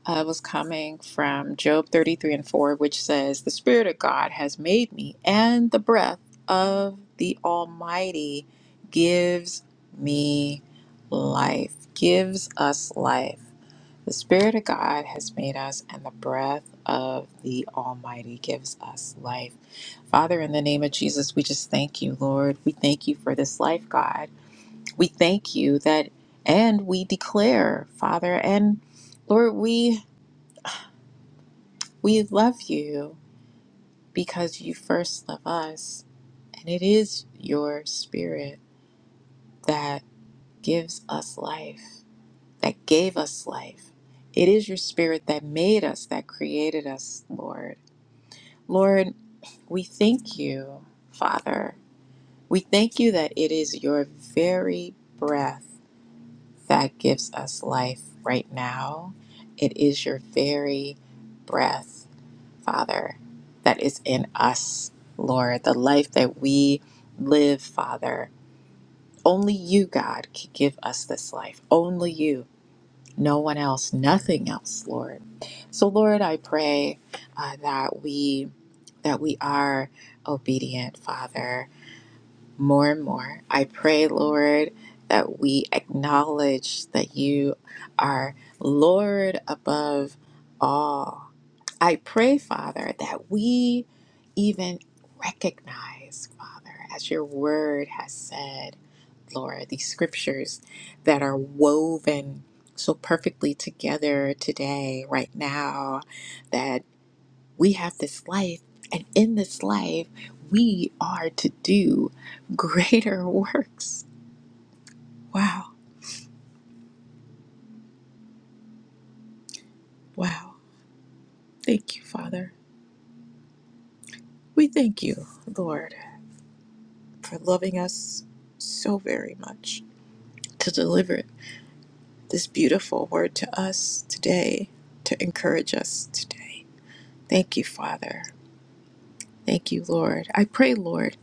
S1: uh, was coming from Job 33 and 4, which says, The Spirit of God has made me, and the breath of the Almighty gives me life, gives us life. The Spirit of God has made us, and the breath of the Almighty gives us life. Father, in the name of Jesus, we just thank you, Lord. We thank you for this life, God. We thank you that, and we declare, Father, and Lord, we we love you because you first love us, and it is your Spirit that gives us life, that gave us life. It is your Spirit that made us, that created us, Lord. Lord, we thank you, Father. We thank you that it is your very breath that gives us life right now. It is your very breath, Father, that is in us, Lord, the life that we live, Father. Only you, God, can give us this life. Only you no one else, nothing else, Lord. So, Lord, I pray uh, that we that we are obedient, Father, more and more. I pray, Lord, that we acknowledge that you are Lord above all. I pray, Father, that we even recognize, Father, as your word has said, Lord, these scriptures that are woven so perfectly together today, right now, that we have this life, and in this life, we are to do greater works. Wow, wow. Thank you, Father. We thank you, Lord, for loving us so very much to deliver. this beautiful word to us today, to encourage us today. Thank you, Father. Thank you, Lord. I pray, Lord,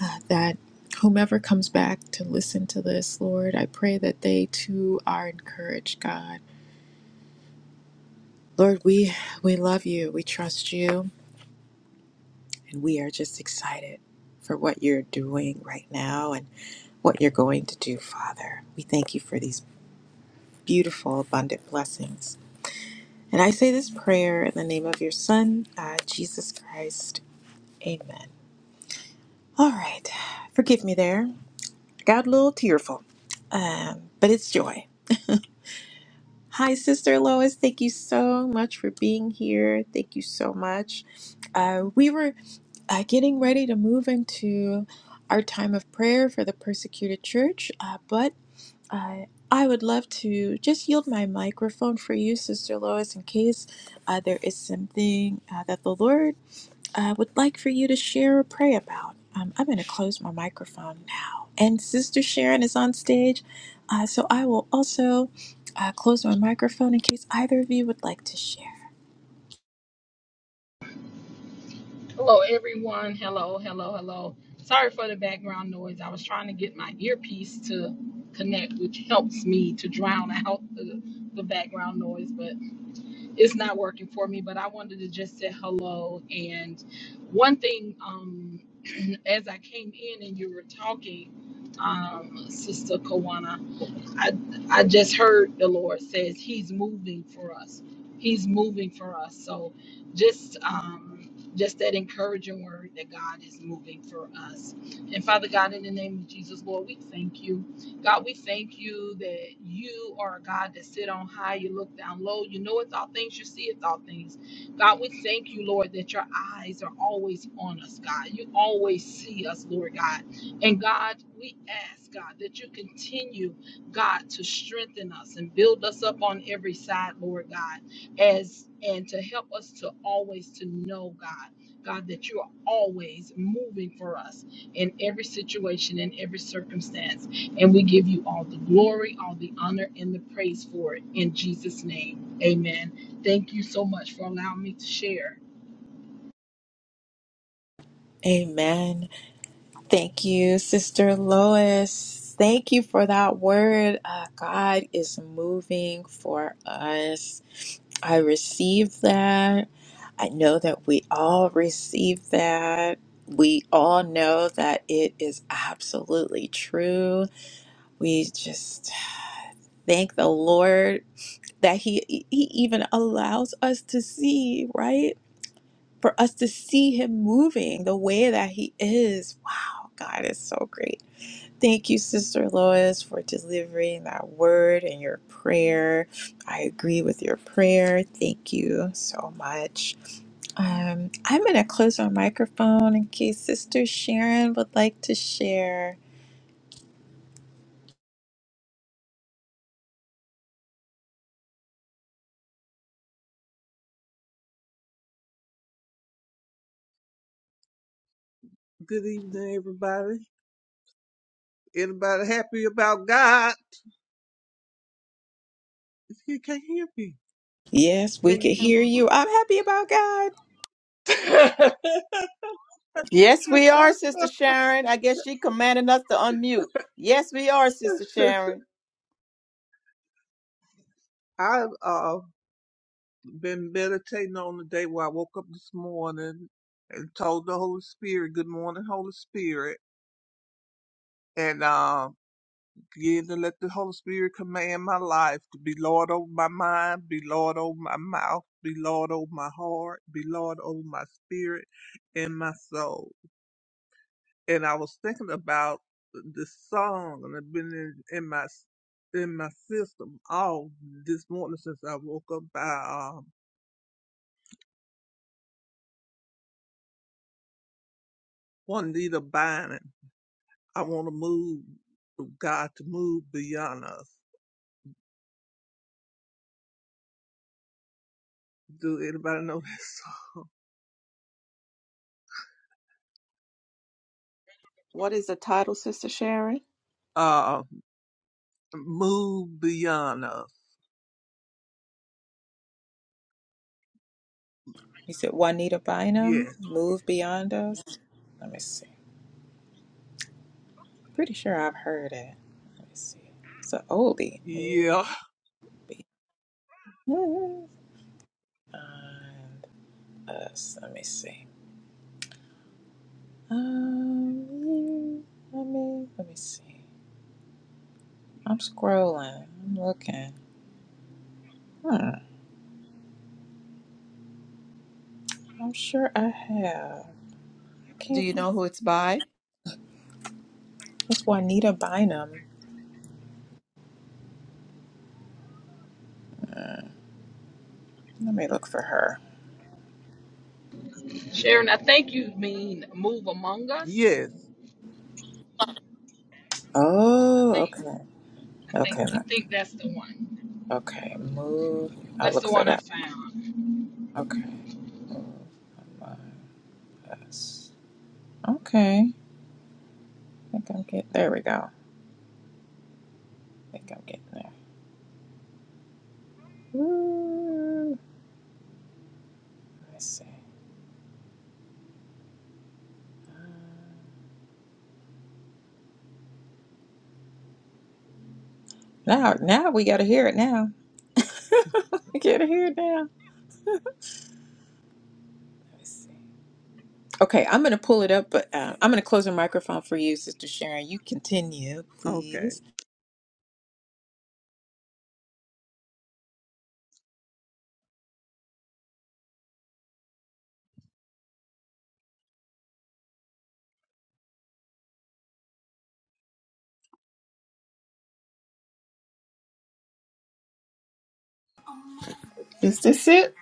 S1: uh, that whomever comes back to listen to this, Lord, I pray that they too are encouraged, God. Lord, we we love you. We trust you, and we are just excited for what you're doing right now and what you're going to do, Father. We thank you for these beautiful abundant blessings And I say this prayer in the name of your Son, uh, Jesus Christ. Amen. All right. Forgive me there. Got a little tearful, um, but it's joy. Hi, Sister Lois. Thank you so much for being here. Thank you so much. Uh, we were uh, getting ready to move into our time of prayer for the persecuted church, uh, but uh, I would love to just yield my microphone for you, Sister Lois, in case uh, there is something uh, that the Lord I would like for you to share or pray about. Um, I'm going to close my microphone now. And Sister Sharon is on stage, uh, so I will also uh, close my microphone in case either of you would like to share.
S5: Hello, everyone. Hello, hello, hello. Sorry for the background noise. I was trying to get my earpiece to connect, which helps me to drown out the, the background noise, but it's not working for me. But I wanted to just say hello. And one thing, um, as I came in and you were talking, um, Sister Kawana. I I just heard the Lord says He's moving for us. He's moving for us. So just um just that encouraging word that God is moving for us. And Father God, in the name of Jesus, Lord, we thank you. God, we thank you that you are a God that sit on high, you look down low, you knoweth all things, you seeth all things. God, we thank you, Lord, that your eyes are always on us, God. You always see us, Lord God. And God, we ask, God, that you continue God, to strengthen us and build us up on every side, Lord God, as and to help us to always to know God, God, that you are always moving for us in every situation, in every circumstance. And we give you all the glory, all the honor, and the praise for it in Jesus' name. Amen. Thank you so much for allowing me to share.
S1: Amen. Thank you, Sister Lois. Thank you for that word. Uh, God is moving for us. I receive that. I know that we all receive that. We all know that it is absolutely true. We just thank the Lord that he e, he even allows us to see, right? For us to see him moving the way that he is. Wow, God is so great. Thank you, Sister Lois, for delivering that word and your prayer. I agree with your prayer. Thank you so much. Um, I'm going to close our microphone in case Sister Sharon would like to share.
S6: Good evening, everybody. Anybody happy about God? You can't hear me.
S1: Yes,
S6: Can
S1: we
S6: you
S1: can
S6: hear?
S1: hear you. I'm happy about God.
S6: me?
S2: Yes, we are, Sister Sharon. I guess she commanded us to unmute. Yes, we are, Sister Sharon.
S6: I've uh, been meditating on the day where I woke up this morning and told the Holy Spirit, "Good morning, Holy Spirit," and uh, began to let the Holy Spirit command my life to be Lord over my mind, be Lord over my mouth, be Lord over my heart, be Lord over my spirit and my soul. and I was thinking about this song, and it's been in, in my in my system all this morning since I woke up by um, Juanita Bynum. I want to move God to move beyond us. Do anybody know this? Song?
S2: What is the title, Sister Sharon?
S6: Uh, move beyond us.
S1: You said Juanita Bynum,
S6: Yes.
S1: move beyond us. Let me see. Pretty sure I've heard it. Let me see. It's an oldie. Move
S6: Yeah.
S1: beyond us. Let me see. Um, you- let me let me see. I'm scrolling. I'm looking. Hmm. I'm sure I have. I
S2: Do
S1: can't.
S2: you know who it's by?
S1: It's Juanita Bynum. Uh, let me look for her.
S5: Sharon, I think you mean move among us.
S6: Yes.
S5: I
S1: Oh,
S5: think
S1: okay.
S5: I
S1: Okay.
S5: think
S1: let-
S5: I think that's the one.
S1: Okay. Move. I'll
S5: That's
S1: look
S5: the
S1: for
S5: one I
S1: that.
S5: found.
S1: Okay. Move. Among us. Okay. I think I'm getting there. We go. I think I'm getting there. Woo. Let's see. Uh, Now, now we got to hear it now. we got to hear it now. Let's see. Okay, I'm going to pull it up, but uh, I'm going to close the microphone for you, Sister Sharon. You continue,
S6: Okay.
S1: please.
S2: Is this it?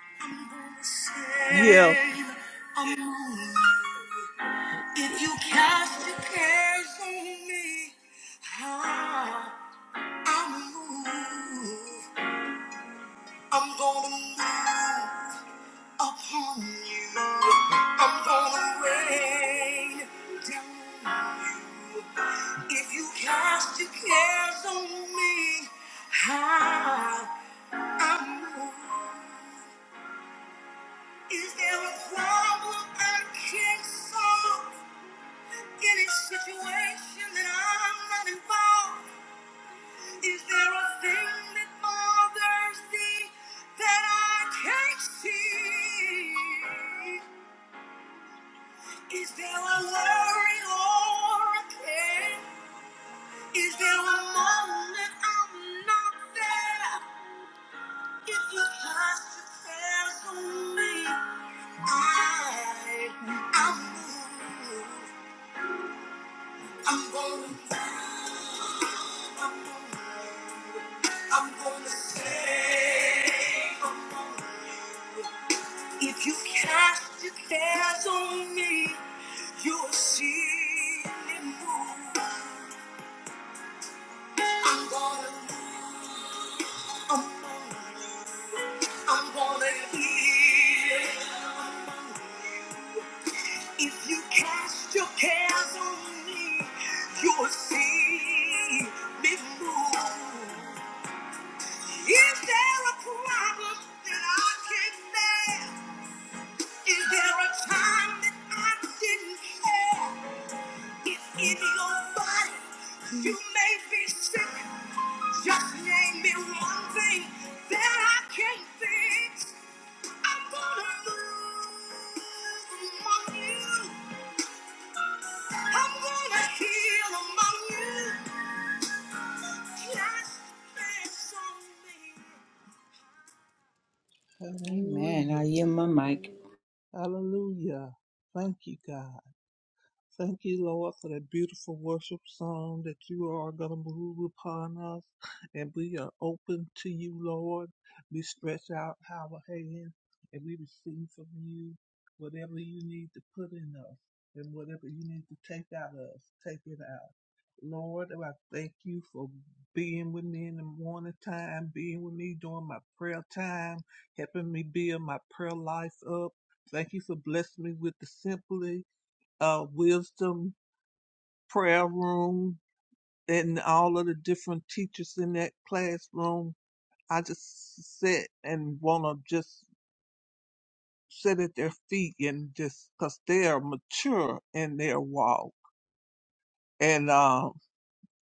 S6: Yeah.
S2: Save a moment. If you cast your cares on me, I I move. I'm gonna move upon you. I'm gonna rain down on you. If you cast your cares on me, I, I move. Is there a problem I can't solve? Any situation that I'm not involved? Is there a thing that bothers thee that I can't see? Is there a worry or a care? Is there a moment I'm not there? If you cast your cares on me, I, I'm moved. I'm going down. I'm going, I'm going to stay. If you cast your cares on me, you'll see me move. I'm gonna move among you. I'm gonna heal. If you cast your cares on me, you'll see me move. Is there a problem that I can't bear? Is there a time that I didn't care? If in your body you may be sick, just name me one thing that I can't fix. I'm gonna move among you. I'm gonna heal among you. Just dance on me. Amen. I
S6: Hallelujah.
S2: yield my mic.
S6: Hallelujah. Thank you, God. Thank you, Lord, for that beautiful worship song that you are going to move upon us. And we are open to you, Lord. We stretch out our hand and we receive from you whatever you need to put in us and whatever you need to take out of us, take it out. Lord, I thank you for being with me in the morning time, being with me during my prayer time, helping me build my prayer life up. Thank you for blessing me with the simply uh, wisdom prayer room and all of the different teachers in that classroom. I just sit and want to just sit at their feet and just because they are mature in their walk. And uh,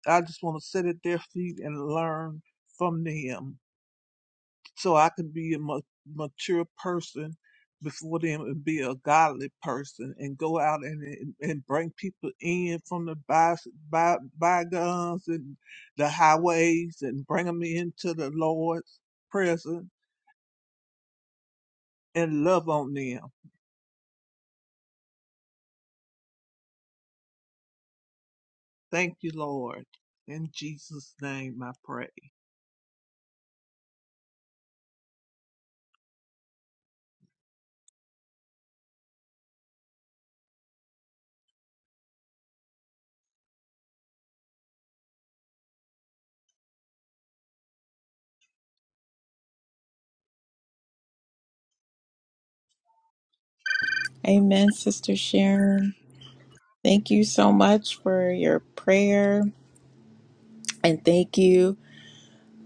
S6: I just want to sit at their feet and learn from them. so I could be a ma- mature person before them and be a godly person and go out and and and bring people in from the by, by, bygones and the highways and bring them into the Lord's presence and love on them. Thank you, Lord. In Jesus' name I pray.
S1: Amen, Sister Sharon. Thank you so much for your prayer. And thank you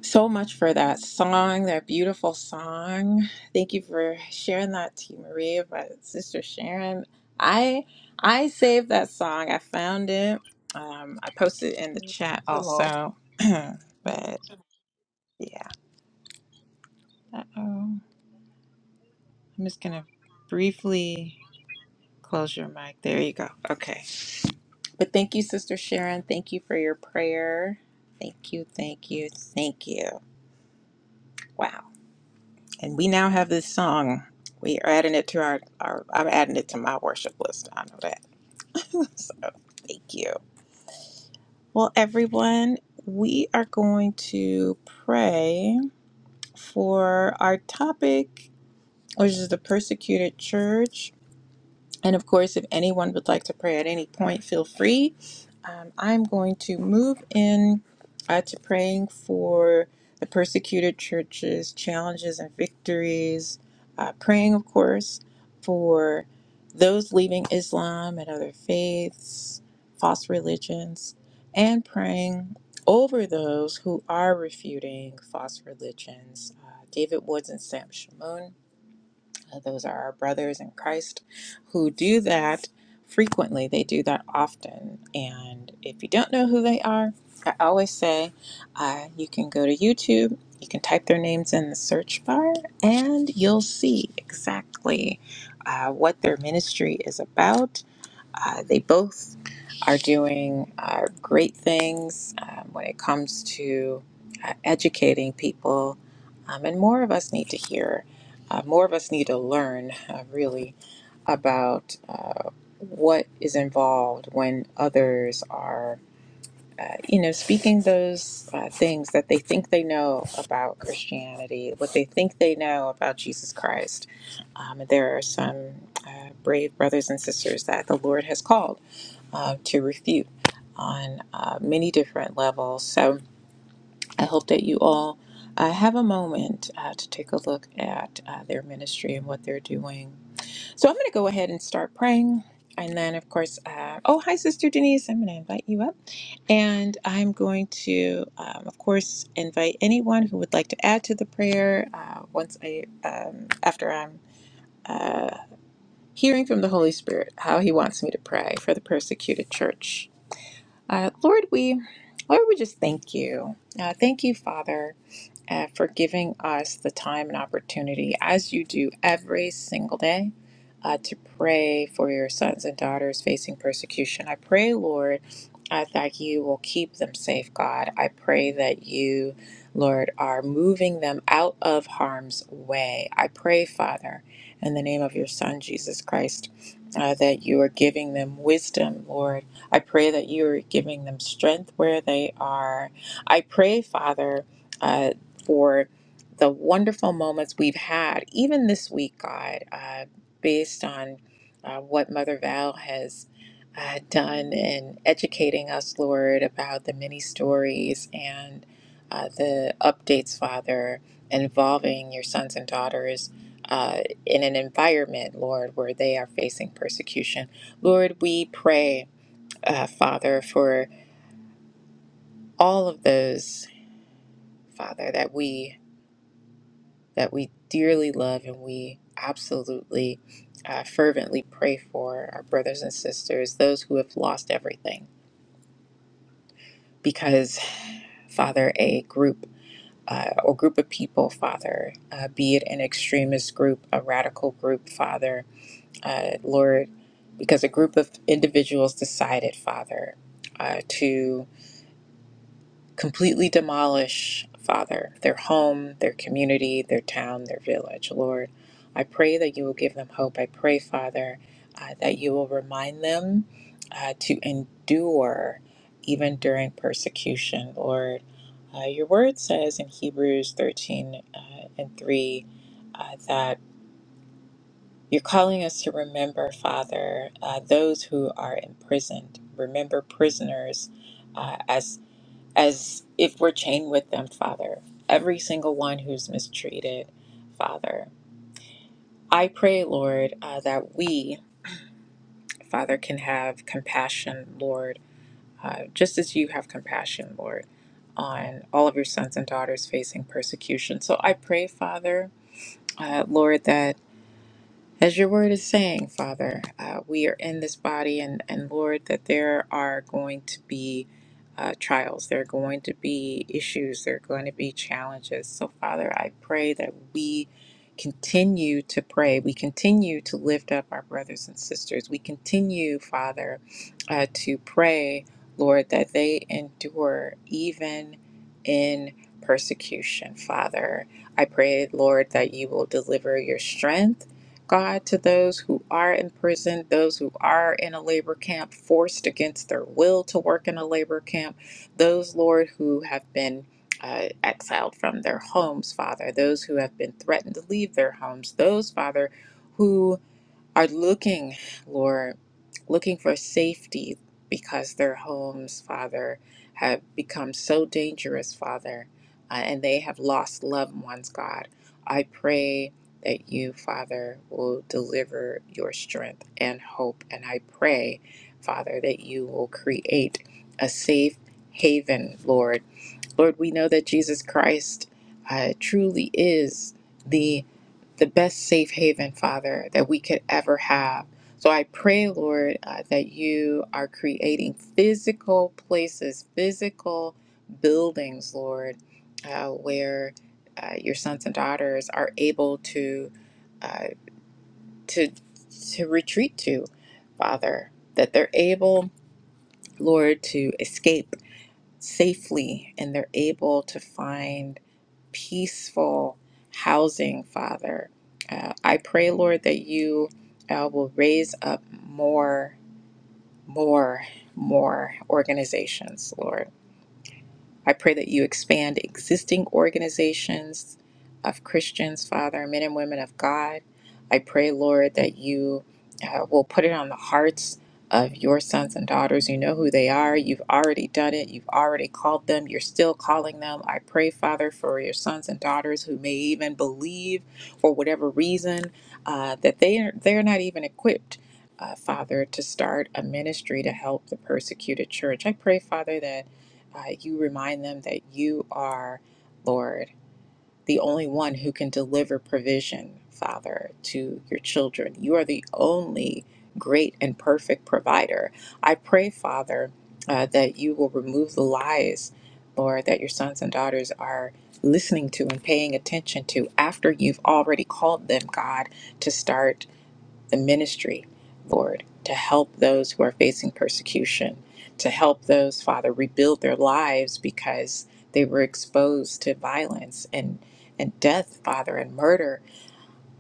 S1: so much for that song, that beautiful song. Thank you for sharing that to Maria, but Sister Sharon. I I saved that song. I found it. Um, I posted it in the chat
S6: Hello.
S1: also. but yeah. Uh-oh. I'm just gonna briefly close your mic. There you go. Okay. But thank you, Sister Sharon. Thank you for your prayer. Thank you, thank you, thank you. Wow. And we now have this song. We are adding it to our, our I'm adding it to my worship list. I know that. So thank you. Well, everyone, we are going to pray for our topic, which is the persecuted church. And of course, if anyone would like to pray at any point, feel free. Um, I'm going to move in uh, to praying for the persecuted churches, challenges and victories, uh, praying, of course, for those leaving Islam and other faiths, false religions, and praying over those who are refuting false religions. Uh, David Woods and Sam Shamoon uh, Those are our brothers in Christ who do that frequently. They do that often. And if you don't know who they are, I always say uh, you can go to YouTube, you can type their names in the search bar, and you'll see exactly uh, what their ministry is about uh, they both are doing uh, great things um, when it comes to uh, educating people, um, and more of us need to hear, uh, more of us need to learn uh, really about uh, what is involved when others are. Uh, you know, speaking those uh, things that they think they know about Christianity, what they think they know about Jesus Christ. Um, there are some uh, brave brothers and sisters that the Lord has called uh, to refute on uh, many different levels. So I hope that you all uh, have a moment uh, to take a look at uh, their ministry and what they're doing. So I'm going to go ahead and start praying. And then, of course, uh, oh, hi, Sister Denise. I'm going to invite you up. And I'm going to, um, of course, invite anyone who would like to add to the prayer uh, once I, um, after I'm uh, hearing from the Holy Spirit how He wants me to pray for the persecuted church. Uh, Lord, we Lord, we just thank you. Uh, thank you, Father, and for giving us the time and opportunity, as you do every single day, uh, to pray for your sons and daughters facing persecution. I pray, Lord, uh, that you will keep them safe, God. I pray that you, Lord, are moving them out of harm's way. I pray, Father, in the name of your Son, Jesus Christ. Uh, that you are giving them wisdom, Lord. I pray that you are giving them strength where they are. I pray, Father, uh, for the wonderful moments we've had, even this week, God, uh, based on uh, what Mother Val has uh, done in educating us, Lord, about the many stories and uh, the updates, Father, involving your sons and daughters. Uh, in an environment, Lord, where they are facing persecution. Lord, we pray, uh, Father, for all of those, Father, that we that we dearly love and we absolutely uh, fervently pray for our brothers and sisters, those who have lost everything. Because, Father, a group uh, or group of people, Father, uh, be it an extremist group, a radical group, Father, uh, Lord, because a group of individuals decided, Father, uh, to completely demolish, Father, their home, their community, their town, their village. Lord, I pray that you will give them hope. I pray, Father, uh, that you will remind them uh, to endure even during persecution. Lord, uh, your word says in Hebrews 13 uh, and 3 uh, that you're calling us to remember, Father, uh, those who are imprisoned. Remember prisoners uh, as if we're chained with them, Father. Every single one who's mistreated, Father. I pray, Lord, uh, that we, Father, can have compassion, Lord, uh, just as you have compassion, Lord, on all of your sons and daughters facing persecution. So I pray, Father, uh, Lord, that. As your word is saying, Father, uh, we are in this body, and, and Lord, that there are going to be uh, trials, there are going to be issues, there are going to be challenges. So, Father, I pray that we continue to pray. We continue to lift up our brothers and sisters. We continue, Father, uh, to pray, Lord, that they endure even in persecution, Father. I pray, Lord, that you will deliver your strength. God, to those who are in prison, those who are in a labor camp, forced against their will to work in a labor camp, those, Lord, who have been uh, exiled from their homes, Father, those who have been threatened to leave their homes, those, Father, who are looking, Lord, looking for safety because their homes, Father, have become so dangerous, Father, uh, and they have lost loved ones, God. I pray that you, Father, will deliver your strength and hope. And I pray, Father, that you will create a safe haven, Lord Lord, we know that Jesus Christ uh, truly is the the best safe haven, Father, that we could ever have. So I pray, Lord, uh, that you are creating physical places, physical buildings, Lord, uh, where uh, your sons and daughters are able to uh, to to retreat to, Father, that they're able, Lord, to escape safely and they're able to find peaceful housing, Father. Uh, I pray, Lord, that you uh, will raise up more, more, more organizations, Lord. I pray that you expand existing organizations of Christians, Father, men and women of God. I pray, Lord, that you uh, will put it on the hearts of your sons and daughters. You know who they are. You've already done it. You've already called them. You're still calling them. I pray, Father, for your sons and daughters who may even believe for whatever reason uh, that they are, they're not even equipped. Uh, Father, to start a ministry to help the persecuted church. I pray, Father, that uh, you remind them that you are, Lord, the only one who can deliver provision, Father, to your children. You are the only great and perfect provider. I pray, Father, uh, that you will remove the lies, Lord, that your sons and daughters are listening to and paying attention to after you've already called them, God, to start the ministry, Lord, to help those who are facing persecution, to help those, Father, rebuild their lives because they were exposed to violence and, and death, Father, and murder.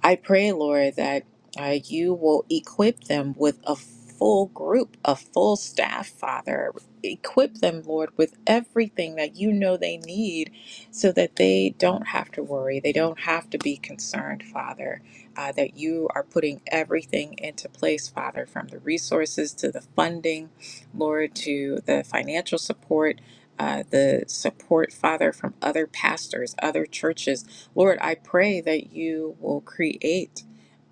S1: I pray, Lord, that uh, you will equip them with a full group, a full staff, Father. Equip them, Lord, with everything that you know they need so that they don't have to worry. They don't have to be concerned, Father, uh, that you are putting everything into place, Father, from the resources to the funding, Lord, to the financial support. Uh, the support, Father, from other pastors, other churches, Lord, I pray that you will create,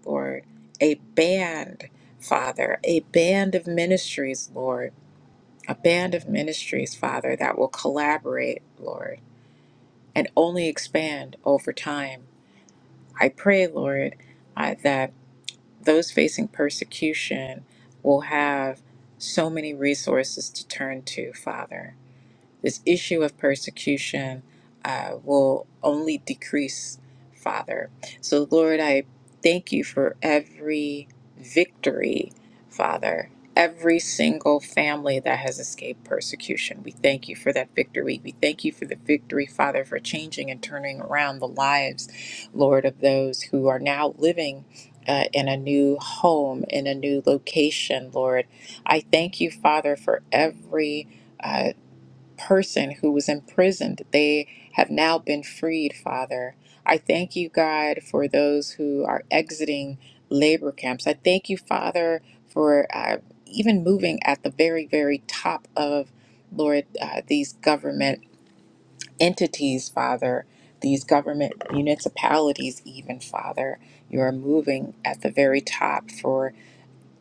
S1: Lord, a band, Father, a band of ministries, Lord, a band of ministries, Father, that will collaborate, Lord, and only expand over time. I pray, Lord, uh, that those facing persecution will have so many resources to turn to, Father this issue of persecution uh, will only decrease, Father. So, Lord, I thank you for every victory, Father. Every single family that has escaped persecution. We thank you for that victory. We thank you for the victory, Father, for changing and turning around the lives, Lord, of those who are now living uh, in a new home, in a new location, Lord. I thank you, Father, for every uh, person who was imprisoned. They have now been freed, Father. I thank you, God, for those who are exiting labor camps. I thank you, Father, for uh, even moving at the very, very top of, Lord, uh, these government entities, Father, these government municipalities, even, Father. You are moving at the very top for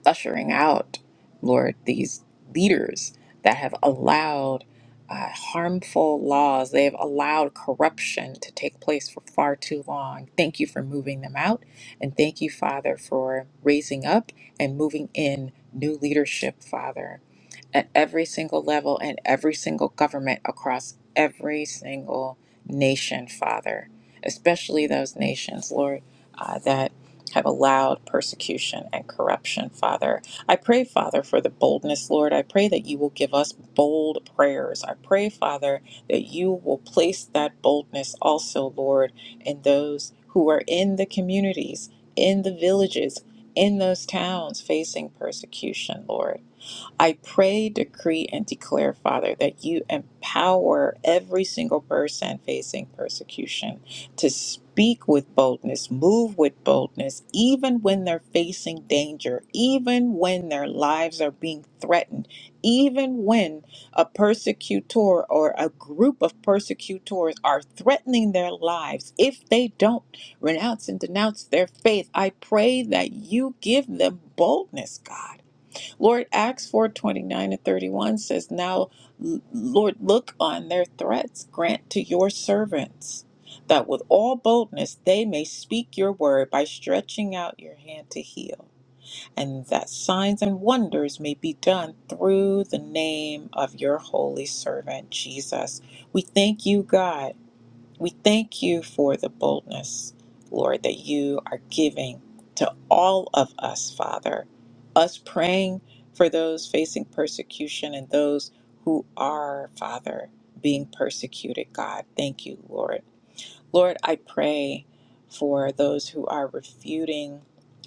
S1: ushering out, Lord, these leaders that have allowed uh, harmful laws, they have allowed corruption to take place for far too long. Thank you for moving them out. And thank you, Father, for raising up and moving in new leadership, Father at every single level and every single government across every single nation, Father, especially those nations, Lord, uh, that have allowed persecution and corruption, Father. I pray, Father, for the boldness, Lord. I pray that you will give us bold prayers. I pray, Father, that you will place that boldness also, Lord, in those who are in the communities, in the villages, in those towns facing persecution, Lord. I pray, decree, and declare, Father, that you empower every single person facing persecution to speak with boldness, move with boldness, even when they're facing danger, even when their lives are being threatened, even when a persecutor or a group of persecutors are threatening their lives. If they don't renounce and denounce their faith, I pray that you give them boldness, God Lord, Acts four twenty nine and 31 says, Now, Lord, look on their threats, grant to your servants that with all boldness they may speak your word by stretching out your hand to heal, and that signs and wonders may be done through the name of your holy servant Jesus. We thank you, God. We thank you for the boldness, Lord, that you are giving to all of us, Father. Us praying for those facing persecution and those who are, Father, being persecuted, God. Thank you, Lord Lord, I pray for those who are refuting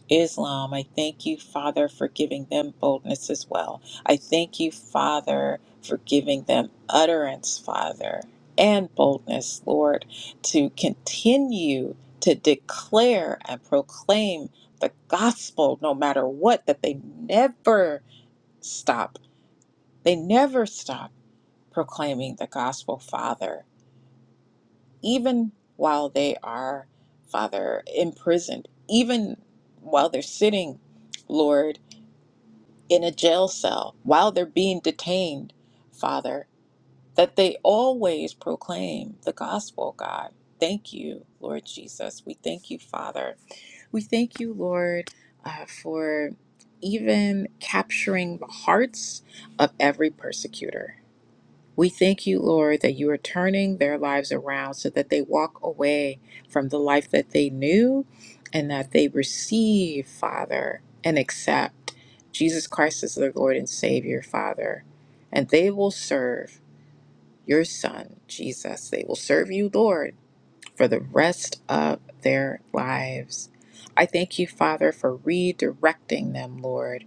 S1: Islam. I thank you, Father, for giving them boldness as well. I thank you, Father, for giving them utterance, Father, and boldness, Lord, to continue to declare and proclaim the gospel no matter what, that they never stop. They never stop proclaiming the gospel, Father even while they are, Father, imprisoned, even while they're sitting, Lord, in a jail cell, while they're being detained, Father, that they always proclaim the gospel, God. Thank you, Lord Jesus. We thank you, Father. We thank you, Lord, uh, for even capturing the hearts of every persecutor. We thank you, Lord, that you are turning their lives around so that they walk away from the life that they knew and that they receive, Father, and accept Jesus Christ as their Lord and Savior, Father. And they will serve your Son, Jesus. They will serve you, Lord, for the rest of their lives. I thank you, Father, for redirecting them, Lord,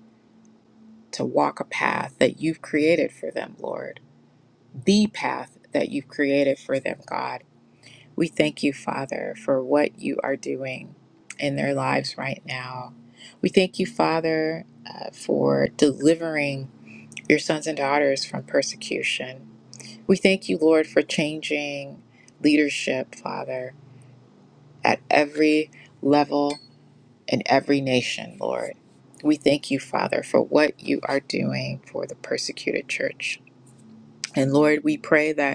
S1: to walk a path that you've created for them, Lord the path that you've created for them, God. We thank you, Father, for what you are doing in their lives right now. We thank you, Father, uh, for delivering your sons and daughters from persecution. We thank you, Lord, for changing leadership, Father, at every level in every nation, Lord. We thank you, Father, for what you are doing for the persecuted church. And Lord, we pray that.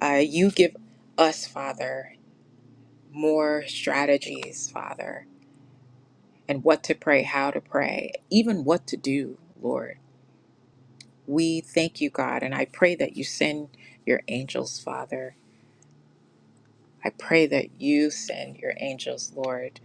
S1: Uh, you give us, Father, more strategies, Father, and what to pray, how to pray, even what to do, Lord. We thank you, God, and I pray that you send your angels, Father. I pray that you send your angels, Lord,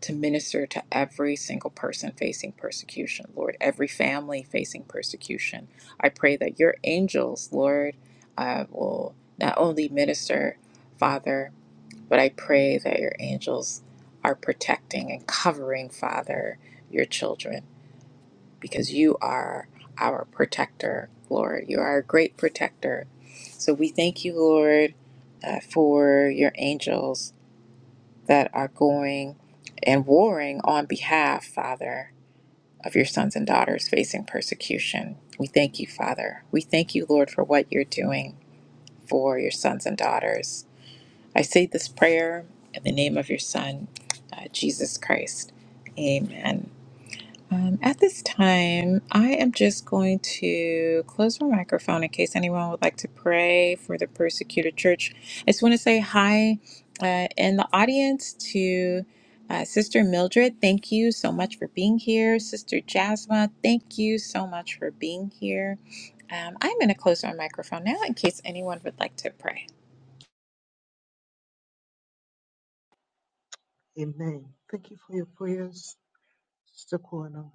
S1: to minister to every single person facing persecution, Lord, every family facing persecution. I pray that your angels, Lord, uh, will not only minister, Father, But I pray that your angels are protecting and covering, Father, your children, because you are our protector, Lord. You are a great protector. So we thank you, Lord, uh, for your angels that are going and warring on behalf, Father, of your sons and daughters facing persecution. We thank you, Father. We thank you, Lord, for what you're doing for your sons and daughters I say this prayer in the name of your Son, uh, Jesus Christ. Amen. Um, at this time, I am just going to close my microphone in case anyone would like to pray for the persecuted church. I just want to say hi uh, in the audience to uh, Sister Mildred. Thank you so much for being here. Sister Jasma, thank you so much for being here. Um, I'm going to close my microphone now in case anyone would like to pray.
S3: Amen. Thank you for your prayers, Sister Kwana.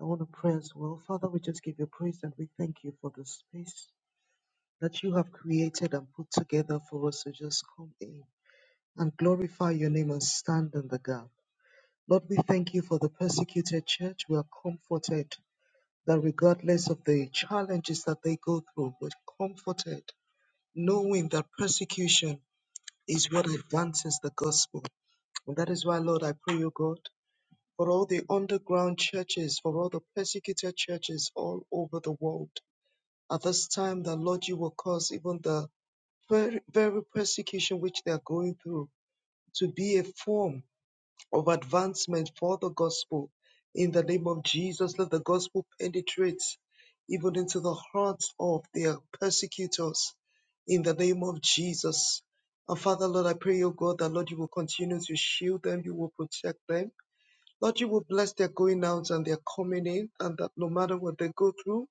S3: I want to pray as well. Father, we just give you praise and we thank you for the space that you have created and put together for us to just come in and glorify your name and stand in the gap. Lord, we thank you for the persecuted church. We are comforted that regardless of the challenges that they go through, we're comforted knowing that persecution is what advances the gospel. And that is why, Lord, I pray, O God. for all the underground churches, for all the persecuted churches all over the world. At this time, the Lord, you will cause even the very, very persecution which they are going through to be a form of advancement for the gospel. In the name of Jesus, let the gospel penetrate even into the hearts of their persecutors. In the name of Jesus. And Father, Lord, I pray, O God, that Lord, you will continue to shield them, you will protect them Lord, you will bless their going out and their coming in, and that no matter what they go through,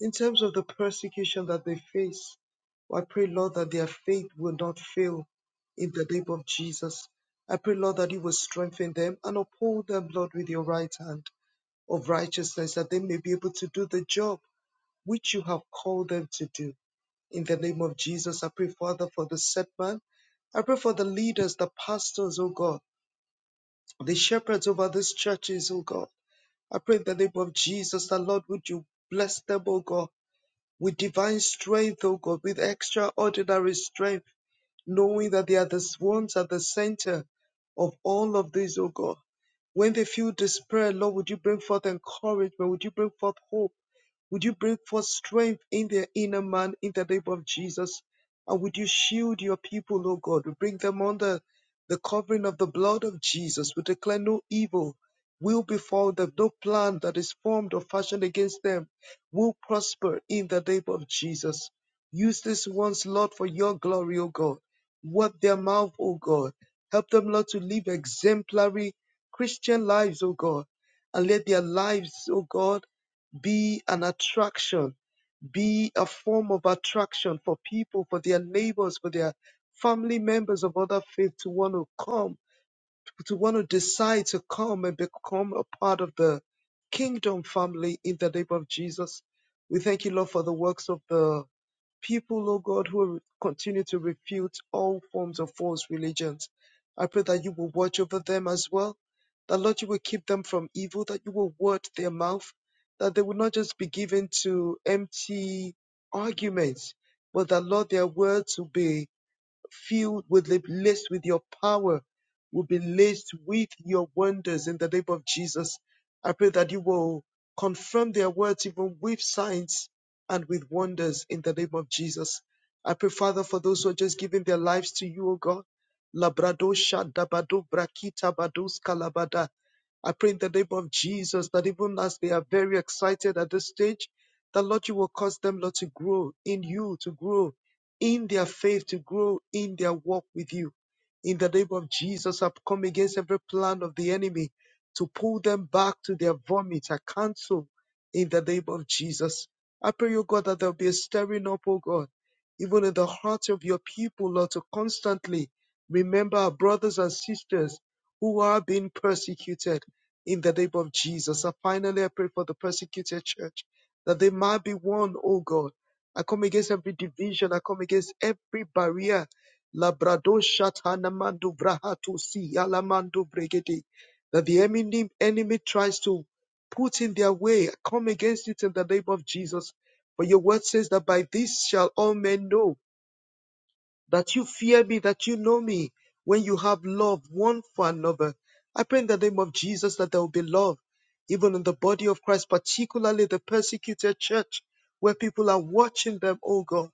S3: in terms of the persecution that they face, I pray, Lord, that their faith will not fail in the name of Jesus. I pray, Lord, that you will strengthen them and uphold them, Lord, with your right hand of righteousness, that they may be able to do the job which you have called them to do. In the name of Jesus, I pray, Father, for the set man. I pray for the leaders, the pastors, O God, the shepherds over these churches, O God. I pray in the name of Jesus that Lord, would you bless them, O God, with divine strength, O God, with extraordinary strength, knowing that they are the ones at the center of all of this, O God. When they feel despair, Lord, would you bring forth encouragement? Would you bring forth hope? Would you bring forth strength in their inner man in the name of Jesus? And would you shield your people, O God? We bring them under the covering of the blood of Jesus. We declare no evil will befall them, no plan that is formed or fashioned against them will prosper in the name of Jesus. Use this once, Lord, for your glory, O God. Work their mouth, O God. Help them, Lord, to live exemplary Christian lives, O God. And let their lives, O God, be an attraction, be a form of attraction for people, for their neighbors, for their family members of other faith to want to come, to want to decide to come and become a part of the kingdom family in the name of Jesus. We thank you, Lord, for the works of the people, oh God, who will continue to refute all forms of false religions. I pray that you will watch over them as well, that Lord, you will keep them from evil, that you will word their mouth, that they will not just be given to empty arguments, but that Lord, their words will be filled with the laced with your power, will be laced with your wonders in the name of Jesus. I pray that you will confirm their words even with signs and with wonders in the name of Jesus. I pray, Father, for those who are just giving their lives to you, O God. Labradosha dabado brakita bados kalabada. I pray in the name of Jesus that even as they are very excited at this stage, that Lord, you will cause them, Lord, to grow in you, to grow in their faith to grow in their walk with you. In the name of Jesus, I've come against every plan of the enemy to pull them back to their vomit. I cancel in the name of Jesus. I pray, O God, that there'll be a stirring up, O God, even in the hearts of your people, Lord, to constantly remember our brothers and sisters who are being persecuted in the name of Jesus. And finally, I pray for the persecuted church that they might be one, O God I come against every division. I come against every barrier. Labrado shatana brahatu si alamandu bregede. That the enemy, enemy tries to put in their way. I come against it in the name of Jesus. For your word says that by this shall all men know that you fear me, that you know me, when you have love one for another. I pray in the name of Jesus that there will be love, even in the body of Christ, particularly the persecuted church, where people are watching them, oh God.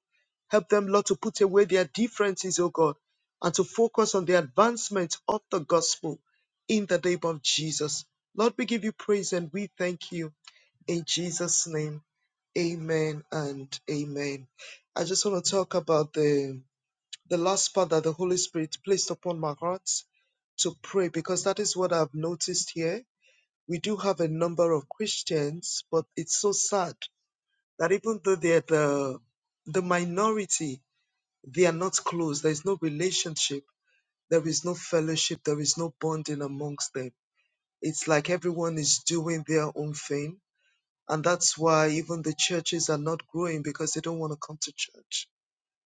S3: Help them, Lord, to put away their differences, oh God, and to focus on the advancement of the gospel in the name of Jesus. Lord, we give you praise and we thank you in Jesus' name. Amen and amen. I just want to talk about the the last part that the Holy Spirit placed upon my heart to pray because that is what I've noticed here. We do have a number of Christians, but it's so sad that even though they're the the minority, they are not close. There is no relationship, there is no fellowship, there is no bonding amongst them. It's like everyone is doing their own thing, and that's why even the churches are not growing because they don't want to come to church.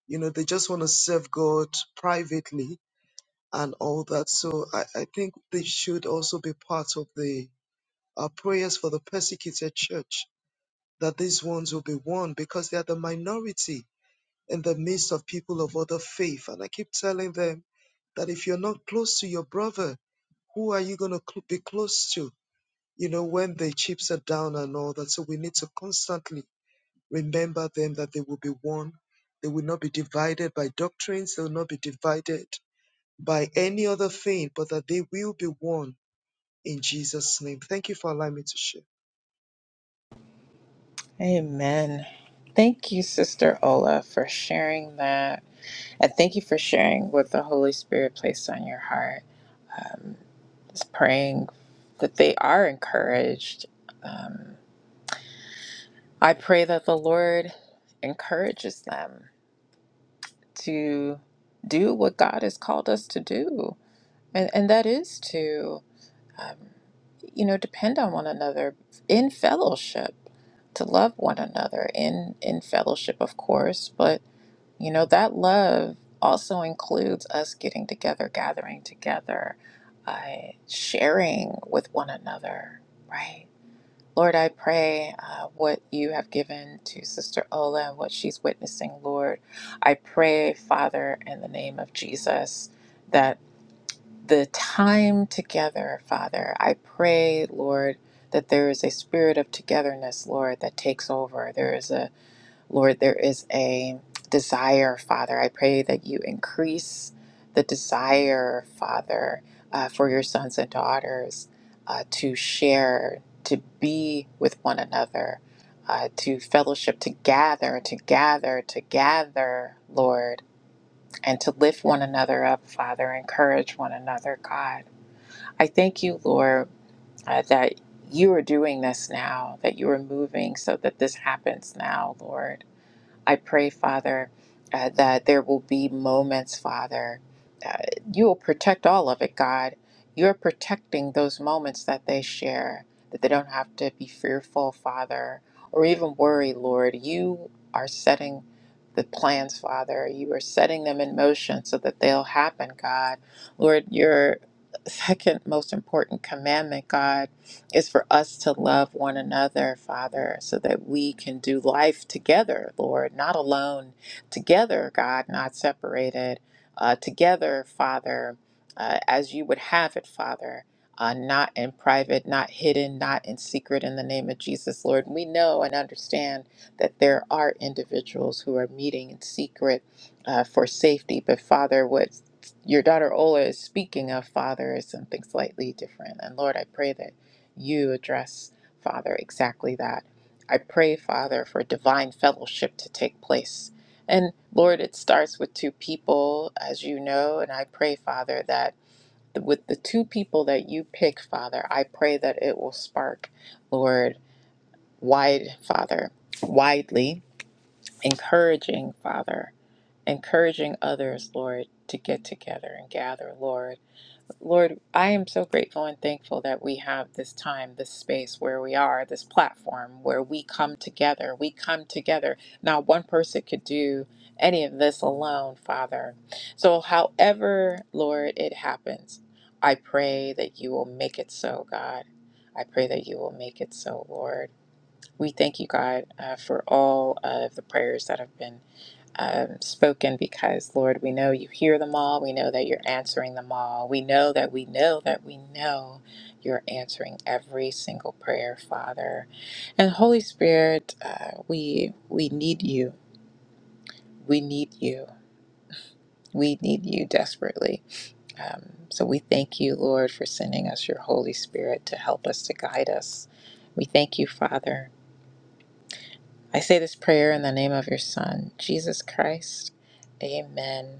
S3: You know, they just want to serve God privately and all that. So I, I think this should also be part of the uh, prayers for the persecuted church, that these ones will be won because they are the minority in the midst of people of other faith. And I keep telling them that if you're not close to your brother, who are you going to cl- be close to, you know, when the chips are down and all that? So we need to constantly remember them that they will be one. They will not be divided by doctrines. They will not be divided by any other thing, but that they will be one in Jesus' name. Thank you for allowing me to share.
S1: Amen. Thank you, Sister Ola, for sharing that. And thank you for sharing what the Holy Spirit placed on your heart. Um, just praying that they are encouraged. Um, I pray that the Lord encourages them to do what God has called us to do, and, and that is to. um, you know, depend on one another in fellowship, to love one another in in fellowship, of course. But you know, that love also includes us getting together, gathering together, uh, sharing with one another, right? Lord, I pray uh, what you have given to Sister Ola and what she's witnessing, Lord. I pray, Father, in the name of Jesus. that the time together, Father. I pray, Lord, that there is a spirit of togetherness, Lord, that takes over. There is a, Lord, there is a desire, Father. I pray that you increase the desire, Father, uh, for your sons and daughters uh, to share, to be with one another. Uh, to fellowship, to gather, to gather, to gather, Lord, and to lift one another up, Father, encourage one another, God. I thank you, Lord, uh, that you are doing this now, that you are moving so that this happens now, Lord. I pray, Father, uh, that there will be moments, Father. Uh, you will protect all of it, God. You're protecting those moments that they share, that they don't have to be fearful, Father, or even worry, Lord. You are setting the plans, Father. You are setting them in motion so that they'll happen, God. Lord, your second most important commandment, God it's for us to love one another, Father, so that we can do life together, Lord, not alone, together, God, not separated, uh, together, Father, uh, as you would have it, Father. Uh, not in private, not hidden, not in secret, in the name of Jesus, Lord. We know and understand that there are individuals who are meeting in secret uh, for safety, but Father, what your daughter Ola is speaking of, Father, is something slightly different. And Lord, I pray that you address, Father, exactly that. I pray, Father, for divine fellowship to take place. And Lord, it starts with two people, as you know, and I pray, Father, that with the two people that you pick, Father, I pray that it will spark, Lord, wide, Father, widely, encouraging, Father, encouraging others, Lord, to get together and gather, Lord Lord, I am so grateful and thankful that we have this time, this space where we are, this platform where we come together. We come together. Not one person could do any of this alone, Father. So, however, Lord, it happens, I pray that you will make it so, God. I pray that you will make it so, Lord. We thank you, God, uh, for all of the prayers that have been um, spoken because, Lord, we know you hear them all. We know that you're answering them all. We know that we know that we know you're answering every single prayer, Father. And Holy Spirit, uh, we we need you. We need you. We need you desperately. Um, so we thank you, Lord, for sending us your Holy Spirit to help us to guide us. We thank you, Father. I say this prayer in the name of your Son, Jesus Christ. Amen.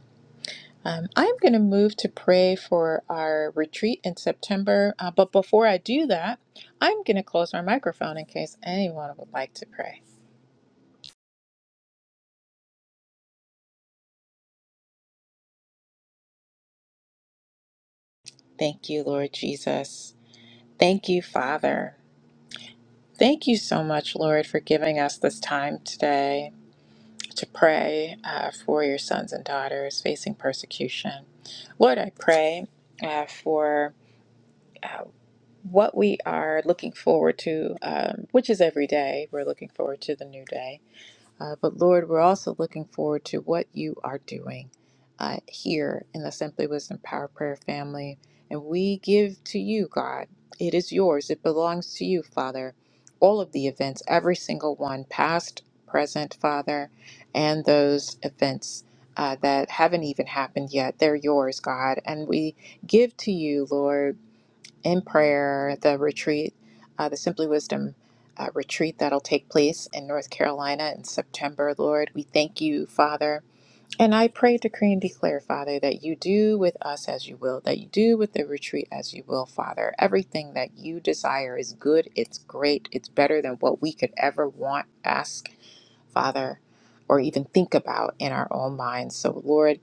S1: Um, I'm going to move to pray for our retreat in September. Uh, but before I do that, I'm going to close my microphone in case anyone would like to pray. Thank you, Lord Jesus. Thank you, Father. Thank you so much, Lord, for giving us this time today to pray uh, for your sons and daughters facing persecution. Lord, I pray uh, for. Uh, what we are looking forward to, um, which is every day, we're looking forward to the new day. Uh, but Lord, we're also looking forward to what you are doing uh, here in the Simply Wisdom Power Prayer family. And we give to you, God. It is yours, it belongs to you, Father. All of the events, every single one, past, present, Father, and those events. Uh, that haven't even happened yet. They're yours, God. And we give to you, Lord, in prayer, the retreat, uh, the Simply Wisdom uh, retreat that'll take place in North Carolina in September, Lord. We thank you, Father. And I pray, decree, and declare, Father, that you do with us as you will, that you do with the retreat as you will, Father. Everything that you desire is good, it's great, it's better than what we could ever want, ask, Father, or even think about in our own minds. So, Lord,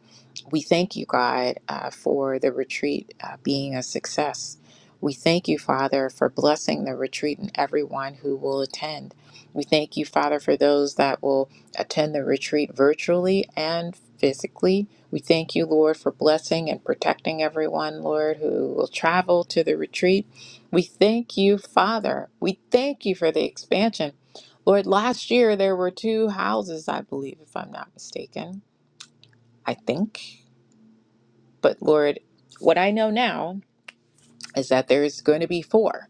S1: we thank you, God, uh, for the retreat uh, being a success. We thank you, Father, for blessing the retreat and everyone who will attend. We thank you, Father, for those that will attend the retreat virtually and physically. We thank you, Lord, for blessing and protecting everyone, Lord, who will travel to the retreat. We thank you, Father. We thank you for the expansion Lord, last year there were two houses, I believe, if I'm not mistaken. I think. But Lord, what I know now is that there's going to be four.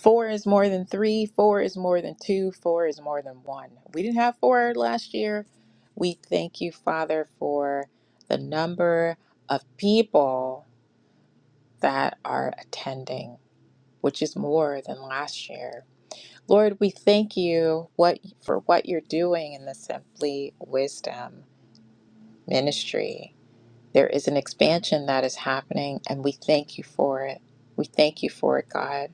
S1: Four is more than three, four is more than two, four is more than one. We didn't have four last year. We thank you, Father, for the number of people that are attending, which is more than last year. Lord, we thank you what for what you're doing in the Simply Wisdom ministry. There is an expansion that is happening, and we thank you for it. We thank you for it, God.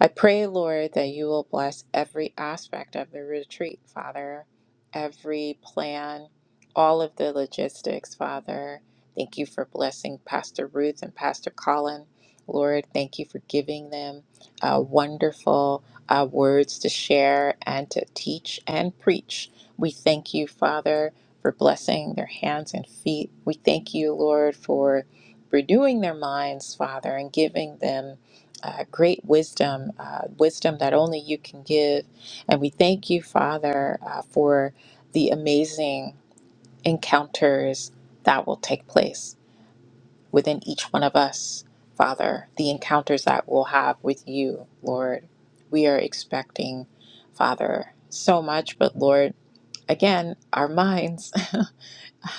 S1: I pray, Lord, that you will bless every aspect of the retreat, Father, every plan, all of the logistics, Father. Thank you for blessing Pastor Ruth and Pastor Colin. Lord, thank you for giving them uh, wonderful uh, words to share and to teach and preach. We thank you, Father, for blessing their hands and feet. We thank you, Lord, for renewing their minds, Father, and giving them uh, great wisdom, uh, wisdom that only you can give. And we thank you, Father, uh, for the amazing encounters that will take place within each one of us, Father, the encounters that we'll have with you, Lord. We are expecting, Father, so much, but Lord, again, our minds.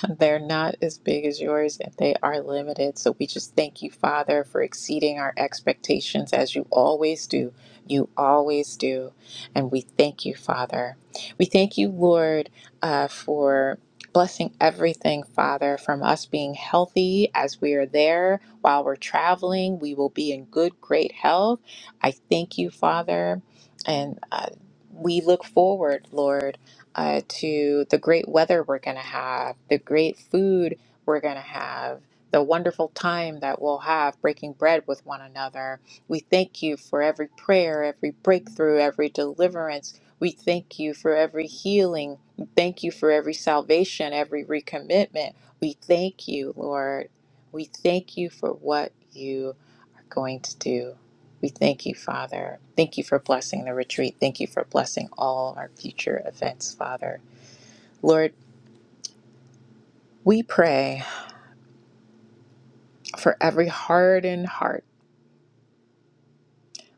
S1: They're not as big as yours and they are limited. So we just thank you, Father, for exceeding our expectations as you always do. You always do. And we thank you, Father. We thank you, Lord, uh, for blessing everything, Father, from us being healthy as we are there while we're traveling. We will be in good, great health. I thank you, Father. And uh, we look forward, Lord uh, to the great weather we're going to have, the great food we're going to have, the wonderful time that we'll have breaking bread with one another. We thank you for every prayer, every breakthrough, every deliverance. We thank you for every healing. We thank you for every salvation, every recommitment. We thank you, Lord. We thank you for what you are going to do. We thank you, Father. Thank you for blessing the retreat. Thank you for blessing all our future events, Father. Lord, we pray for every hardened heart.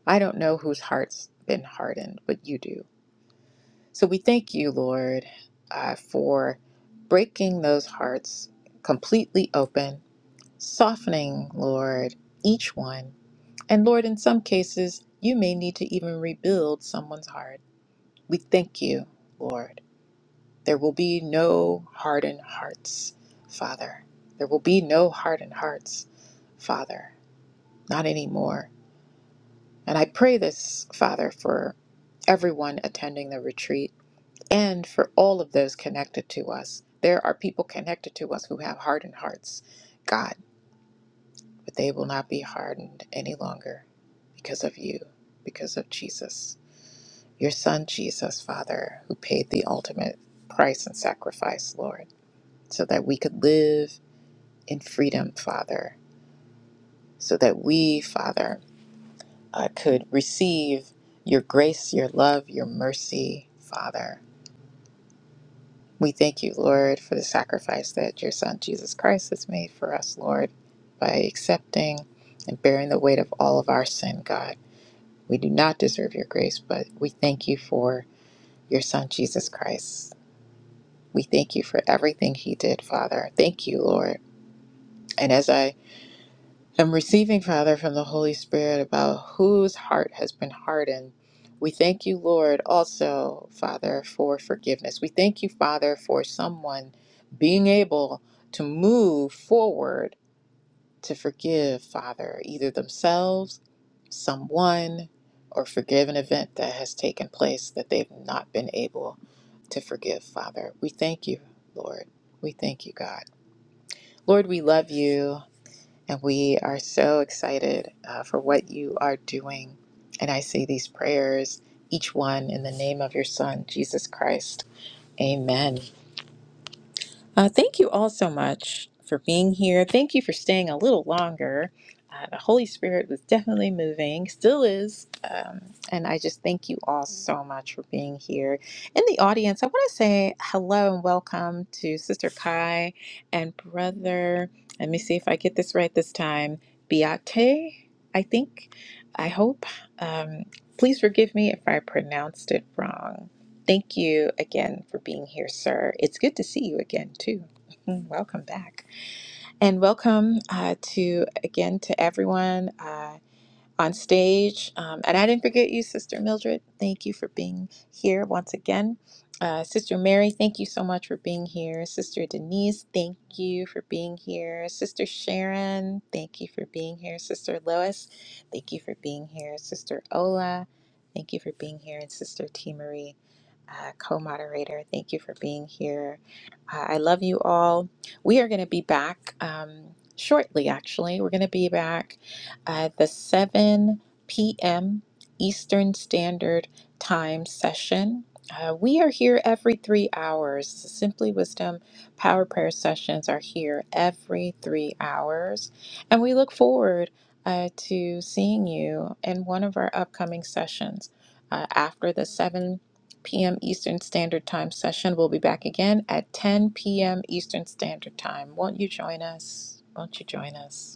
S1: I don't know whose heart's been hardened, but you do. So we thank you, Lord, uh, for breaking those hearts completely open, softening, Lord, each one. And Lord, in some cases, you may need to even rebuild someone's heart. We thank you, Lord. There will be no hardened hearts, Father. There will be no hardened hearts, Father. Not anymore. And I pray this, Father, for everyone attending the retreat and for all of those connected to us. There are people connected to us who have hardened hearts, God, but they will not be hardened any longer because of you, because of Jesus, your Son, Jesus, Father, who paid the ultimate price and sacrifice, Lord so that we could live in freedom, Father, so that we, Father, uh, could receive your grace, your love, your mercy, Father. We thank you, Lord, for the sacrifice that your Son Jesus Christ has made for us, Lord, by accepting and bearing the weight of all of our sin, God. We do not deserve your grace, but we thank you for your Son Jesus Christ. We thank you for everything he did, Father. Thank you, Lord. And as I And receiving, Father, from the Holy Spirit about whose heart has been hardened. We thank you, Lord, also, Father, for forgiveness. We thank you, Father, for someone being able to move forward to forgive, Father, either themselves, someone, or forgive an event that has taken place that they've not been able to forgive, Father. We thank you, Lord. We thank you, God. Lord, we love you. And we are so excited uh, for what you are doing. And I say these prayers, each one in the name of your Son, Jesus Christ. Amen. Uh, thank you all so much for being here. Thank you for staying a little longer. Uh, the Holy Spirit was definitely moving, still is. Um, and I just thank you all so much for being here. In the audience, I want to say hello and welcome to Sister Kai and Brother. Let me see if I get this right this time. Biate, I think. I hope. Um, please forgive me if I pronounced it wrong. Thank you again for being here, sir. It's good to see you again, too. welcome back. And welcome uh, to again to everyone. Uh, on stage. Um, and I didn't forget you, Sister Mildred. Thank you for being here once again. Uh, Sister Mary, thank you so much for being here. Sister Denise, thank you for being here. Sister Sharon, thank you for being here. Sister Lois, thank you for being here. Sister Ola, thank you for being here. And Sister T. Marie, uh, co moderator, thank you for being here. Uh, I love you all. We are going to be back um, shortly, actually. We're going to be back uh, the 7 p.m. Eastern Standard Time session. Uh, we are here every three hours. Simply Wisdom Power Prayer sessions are here every three hours. And we look forward uh, to seeing you in one of our upcoming sessions. Uh, after the 7 p.m. Eastern Standard Time session, we'll be back again at 10 p.m. Eastern Standard Time. Won't you join us? Won't you join us?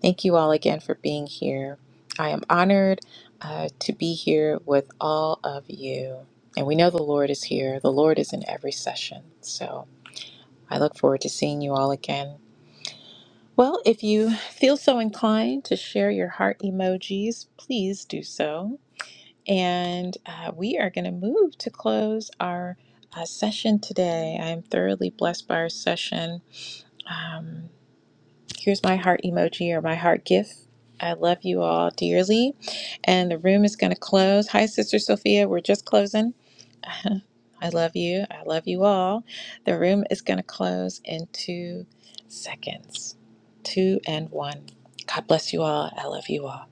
S1: Thank you all again for being here. I am honored uh, to be here with all of you. And we know the Lord is here, the Lord is in every session. So I look forward to seeing you all again. Well, if you feel so inclined to share your heart emojis, please do so. And uh, we are going to move to close our uh, session today. I am thoroughly blessed by our session. Um, Here's my heart emoji or my heart gif. I love you all dearly. And the room is going to close. Hi, Sister Sophia. We're just closing. I love you. I love you all. The room is going to close in two seconds. Two and one. God bless you all. I love you all.